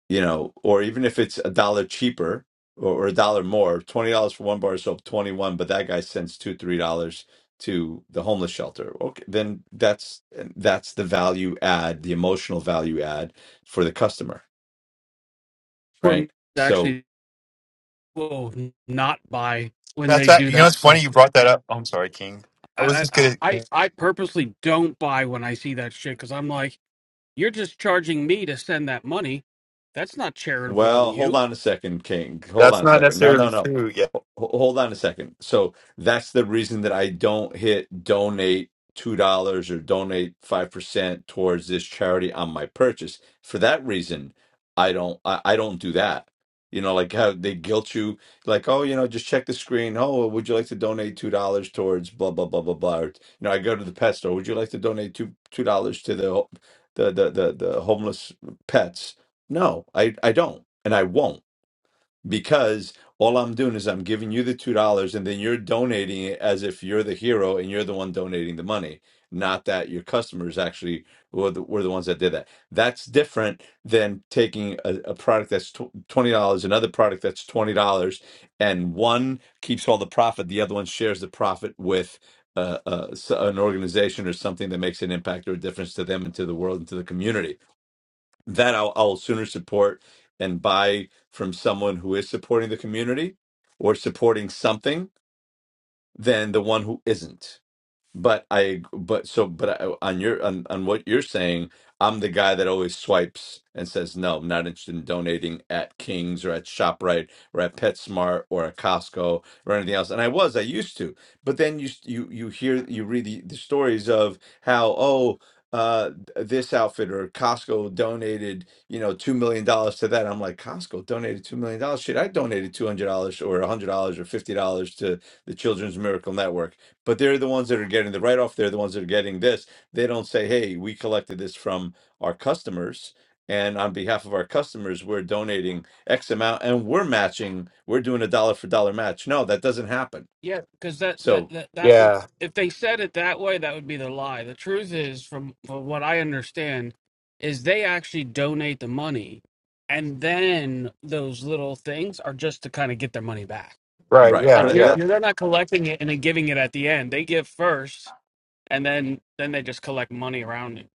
C: you know, or even if it's a dollar cheaper or, or a dollar more, twenty dollars for one bar of soap, twenty one, but that guy sends two, three dollars to the homeless shelter. Okay, then that's that's the value add, the emotional value add for the customer,
B: For me,
C: right?
B: it's
C: So
B: actually, will not buy when
J: that's
B: they
J: that
B: do
J: you know it's
B: that
J: funny
B: stuff.
J: you brought that up i'm sorry king i was
B: I
J: just
B: I
J: gonna
B: I, I purposely don't buy when I see that shit because I'm like, you're just charging me to send that money. That's not charitable in
C: Well, hold
B: you
C: on a second, King. Hold
J: that's
C: on a
J: not
C: second. No, no,
J: necessarily
C: no.
J: true yeah
C: Ho- Hold on a second. So that's the reason that I don't hit donate $2 or donate 5% towards this charity on my purchase. For that reason, I don't I, I don't do that. You know, like how they guilt you like, "Oh, you know, just check the screen. Oh, well, would you like to donate $2 towards blah blah blah blah blah." Or, you know, I go to the pet store, "Would you like to donate 2 $2 to the the the the, the homeless pets?" No, I, I don't. And I won't because all I'm doing is I'm giving you the $2 and then you're donating it as if you're the hero and you're the one donating the money. Not that your customers actually were the, were the ones that did that. That's different than taking a, a product that's tw- $20, another product that's $20, and one keeps all the profit, the other one shares the profit with uh, uh, s- an organization or something that makes an impact or a difference to them and to the world and to the community that I'll, I'll sooner support and buy from someone who is supporting the community or supporting something than the one who isn't. But I, but so, but I, on your on on what you're saying, I'm the guy that always swipes and says no, I'm not interested in donating at King's or at Shoprite or at PetSmart or at Costco or anything else. And I was, I used to, but then you s- you you hear you read the, the stories of how oh uh this outfit or Costco donated you know two million dollars to that. I'm like Costco donated two million dollars. Shit, I donated two hundred dollars or a hundred dollars or fifty dollars to the Children's Miracle Network but they're the ones that are getting the write off. They're the ones that are getting this. They don't say, hey, we collected this from our customers. And on behalf of our customers, we're donating X amount and we're matching, we're doing a dollar for dollar match. No, that doesn't happen.
B: Yeah, because that, that
C: So,
B: that that would
J: yeah
B: if they said it that way, that would be the lie. The truth is, from, from what I understand, is they actually donate the money, and then those little things are just to kind of get their money back.
J: right
C: right.
J: yeah
B: Like
C: But
B: you're,
J: yeah
C: that,
B: you're they're not collecting it and then giving it at the end. They give first, and then then they just collect money around it.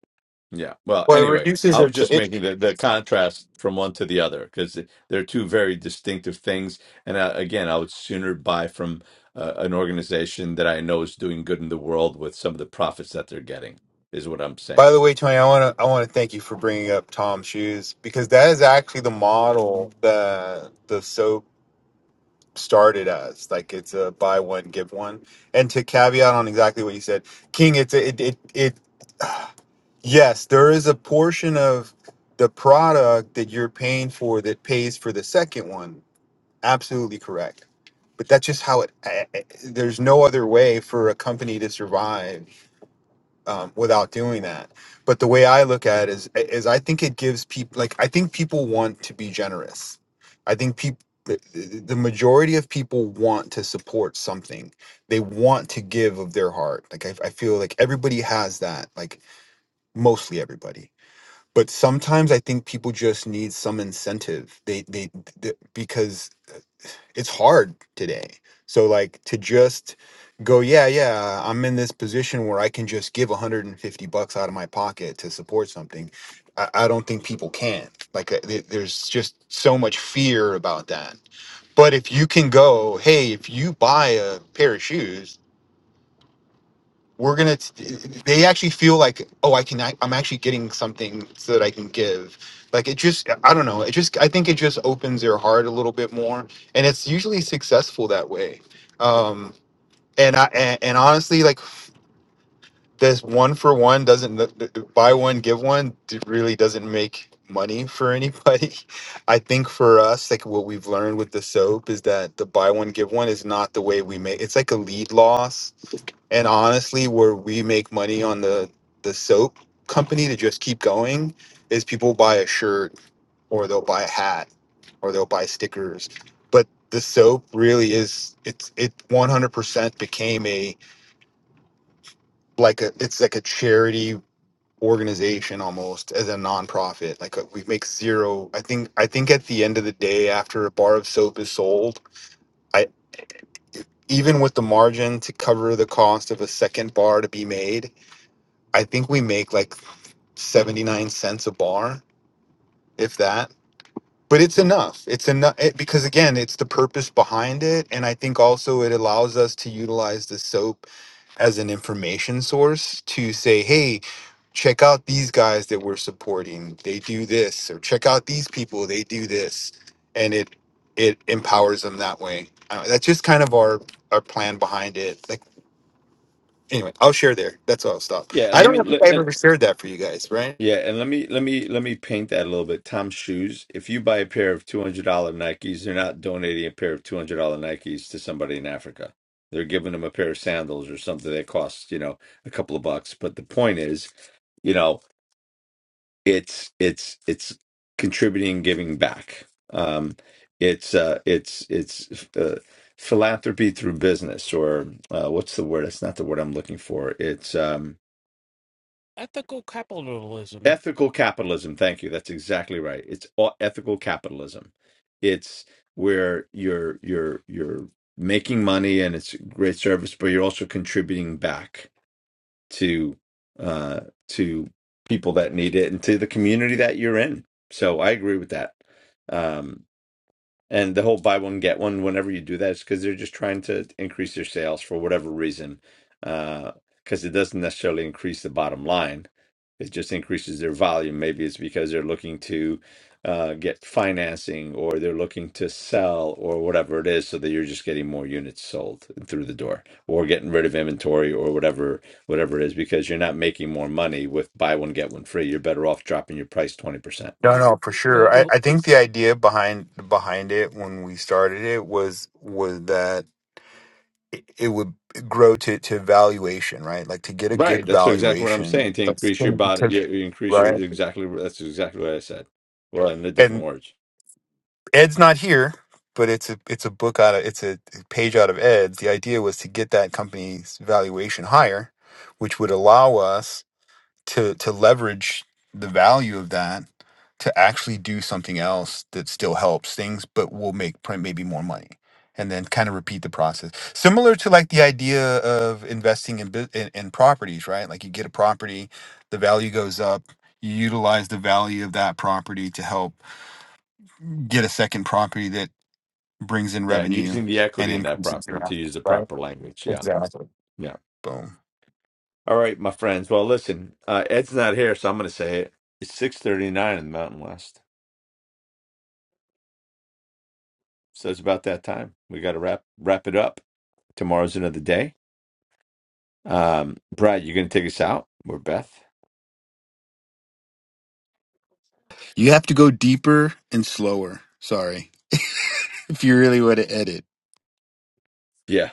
C: yeah. Well,
J: well it
C: anyway,
J: reduces
C: I was just
J: it
C: making the, the contrast from one to the other because they're two very distinctive things. And uh, again, I would sooner buy from uh, an organization that I know is doing good in the world with some of the profits that they're getting, is what I'm saying.
J: By the way, Tony, I want to I want to thank you for bringing up Tom's shoes because that is actually the model that the soap started as. Like it's a buy one give one. And to caveat on exactly what you said, King, it's a, it it it yes, there is a portion of the product that you're paying for that pays for the second one. Absolutely correct. But that's just how it. I- I- There's no other way for a company to survive um, without doing that. But the way I look at it is, is I think it gives people like I think people want to be generous. I think people the the majority of people want to support something. They want to give of their heart. Like I, I feel like everybody has that. Like mostly everybody. But sometimes I think people just need some incentive. They they, they because it's hard today. So like to just go, yeah, yeah, I'm in this position where I can just give 150 bucks out of my pocket to support something. I, I don't think people can. Like uh, there- there's just so much fear about that. But if you can go, hey, if you buy a pair of shoes we're gonna t- they actually feel like oh i can I, i'm actually getting something so that i can give like it just i don't know it just i think it just opens their heart a little bit more and it's usually successful that way um and i and, and honestly like this one for one doesn't th- th- buy one give one d- really doesn't make money for anybody i think for us like what we've learned with the soap is that the buy one give one is not the way we make it's like a lead loss and honestly where we make money on the the soap company to just keep going is people buy a shirt or they'll buy a hat or they'll buy stickers but the soap really is it's it 100% became a like a it's like a charity organization almost as a nonprofit like uh, we make zero i think i think at the end of the day after a bar of soap is sold i even with the margin to cover the cost of a second bar to be made I think we make like 79 cents a bar, if that. But it's enough. It's enough it, because again, it's the purpose behind it and I think also it allows us to utilize the soap as an information source to say, "Hey, check out these guys that we're supporting. They do this or check out these people, they do this." And it it empowers them that way. Uh, that's just kind of our our plan behind it. Like anyway, I'll share there. That's all. I'll stop.
C: Yeah, and
J: I
C: let
J: don't
C: me
J: know if
C: let,
J: I've
C: and,
J: ever shared that for you guys, right?
C: yeah, and let me let me let me paint that a little bit. Tom's shoes. If you buy a pair of two hundred dollar Nikes, they're not donating a pair of two hundred dollar Nikes to somebody in Africa. They're giving them a pair of sandals or something that costs you know a couple of bucks. But the point is, you know, it's it's it's contributing, giving back. Um, it's uh, it's it's uh, philanthropy through business, or uh, what's the word? That's not the word I'm looking for. It's um
B: Ethical capitalism.
C: ethical capitalism thank you that's exactly right it's all ethical capitalism it's where you're you're you're making money and it's a great service but you're also contributing back to uh to people that need it and to the community that you're in so i agree with that um and the whole buy one get one whenever you do that is because they're just trying to increase their sales for whatever reason. Uh, Because it doesn't necessarily increase the bottom line; it just increases their volume. Maybe it's because they're looking to uh, get financing, or they're looking to sell, or whatever it is, so that you're just getting more units sold through the door, or getting rid of inventory, or whatever whatever it is. Because you're not making more money with buy one get one free. You're better off dropping your price twenty percent.
J: No, no, for
B: You- Well,
J: sure. I,
B: you,
J: I think
B: it's,
J: the idea behind behind it when we started it was was that it, it would grow to to valuation, right? Like to get a good
C: Right. That's exactly what I'm saying.
J: valuation.
C: To
J: That's
C: increase your body,
J: because-
C: you you increase your
J: right.
C: exactly. That's exactly what I said. Well, in the different
J: And
C: words.
J: Ed's not here, but it's a it's a book out of it's a page out of Ed's. The idea was to get that company's valuation higher, which would allow us to to leverage the value of that to actually do something else that still helps things but will make print maybe more money and then kind of repeat the process similar to like the idea of investing in, bu- in in properties right like you get a property the value goes up you utilize the value of that property to help get a second property that brings in
C: Yeah,
J: revenue
C: using the
J: and
C: equity in that
J: increases
C: property
J: your
C: to use
J: assets
C: the
J: right
C: proper language. Yeah,
J: exactly
C: yeah.
J: boom
C: All right, my friends. Well, listen, uh, Ed's not here, so I'm going to say it. It's six thirty nine in the Mountain West, so it's about that time. We got to wrap wrap it up. Tomorrow's another day. Um, Brad, you going to take us out or Beth?
J: You have to go deeper and slower. Sorry. If you really want to edit.
C: Yeah.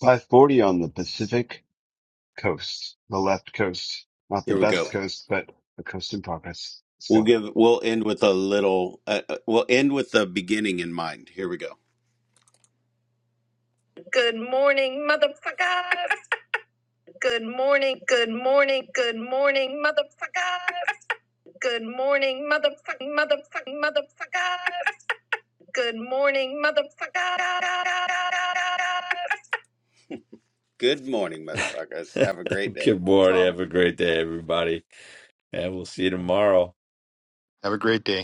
L: 540 on the Pacific coast, the left coast, not the
E: Here we
L: best
E: go.
L: coast, but a coast in progress. Let's
E: We'll
L: go.
E: give we'll end with a little uh, uh, we'll end with the beginning in mind. Here we go. Good morning, motherfucker. Good morning, good morning, good morning, motherfucker. Good morning, motherfucking motherfucking motherfucker. Good morning, motherfucker. Good morning, motherfuckers. Have a great day.
C: Good
B: that's
C: morning.
B: all.
C: Have a great day, everybody, and we'll see you tomorrow.
J: Have a great day.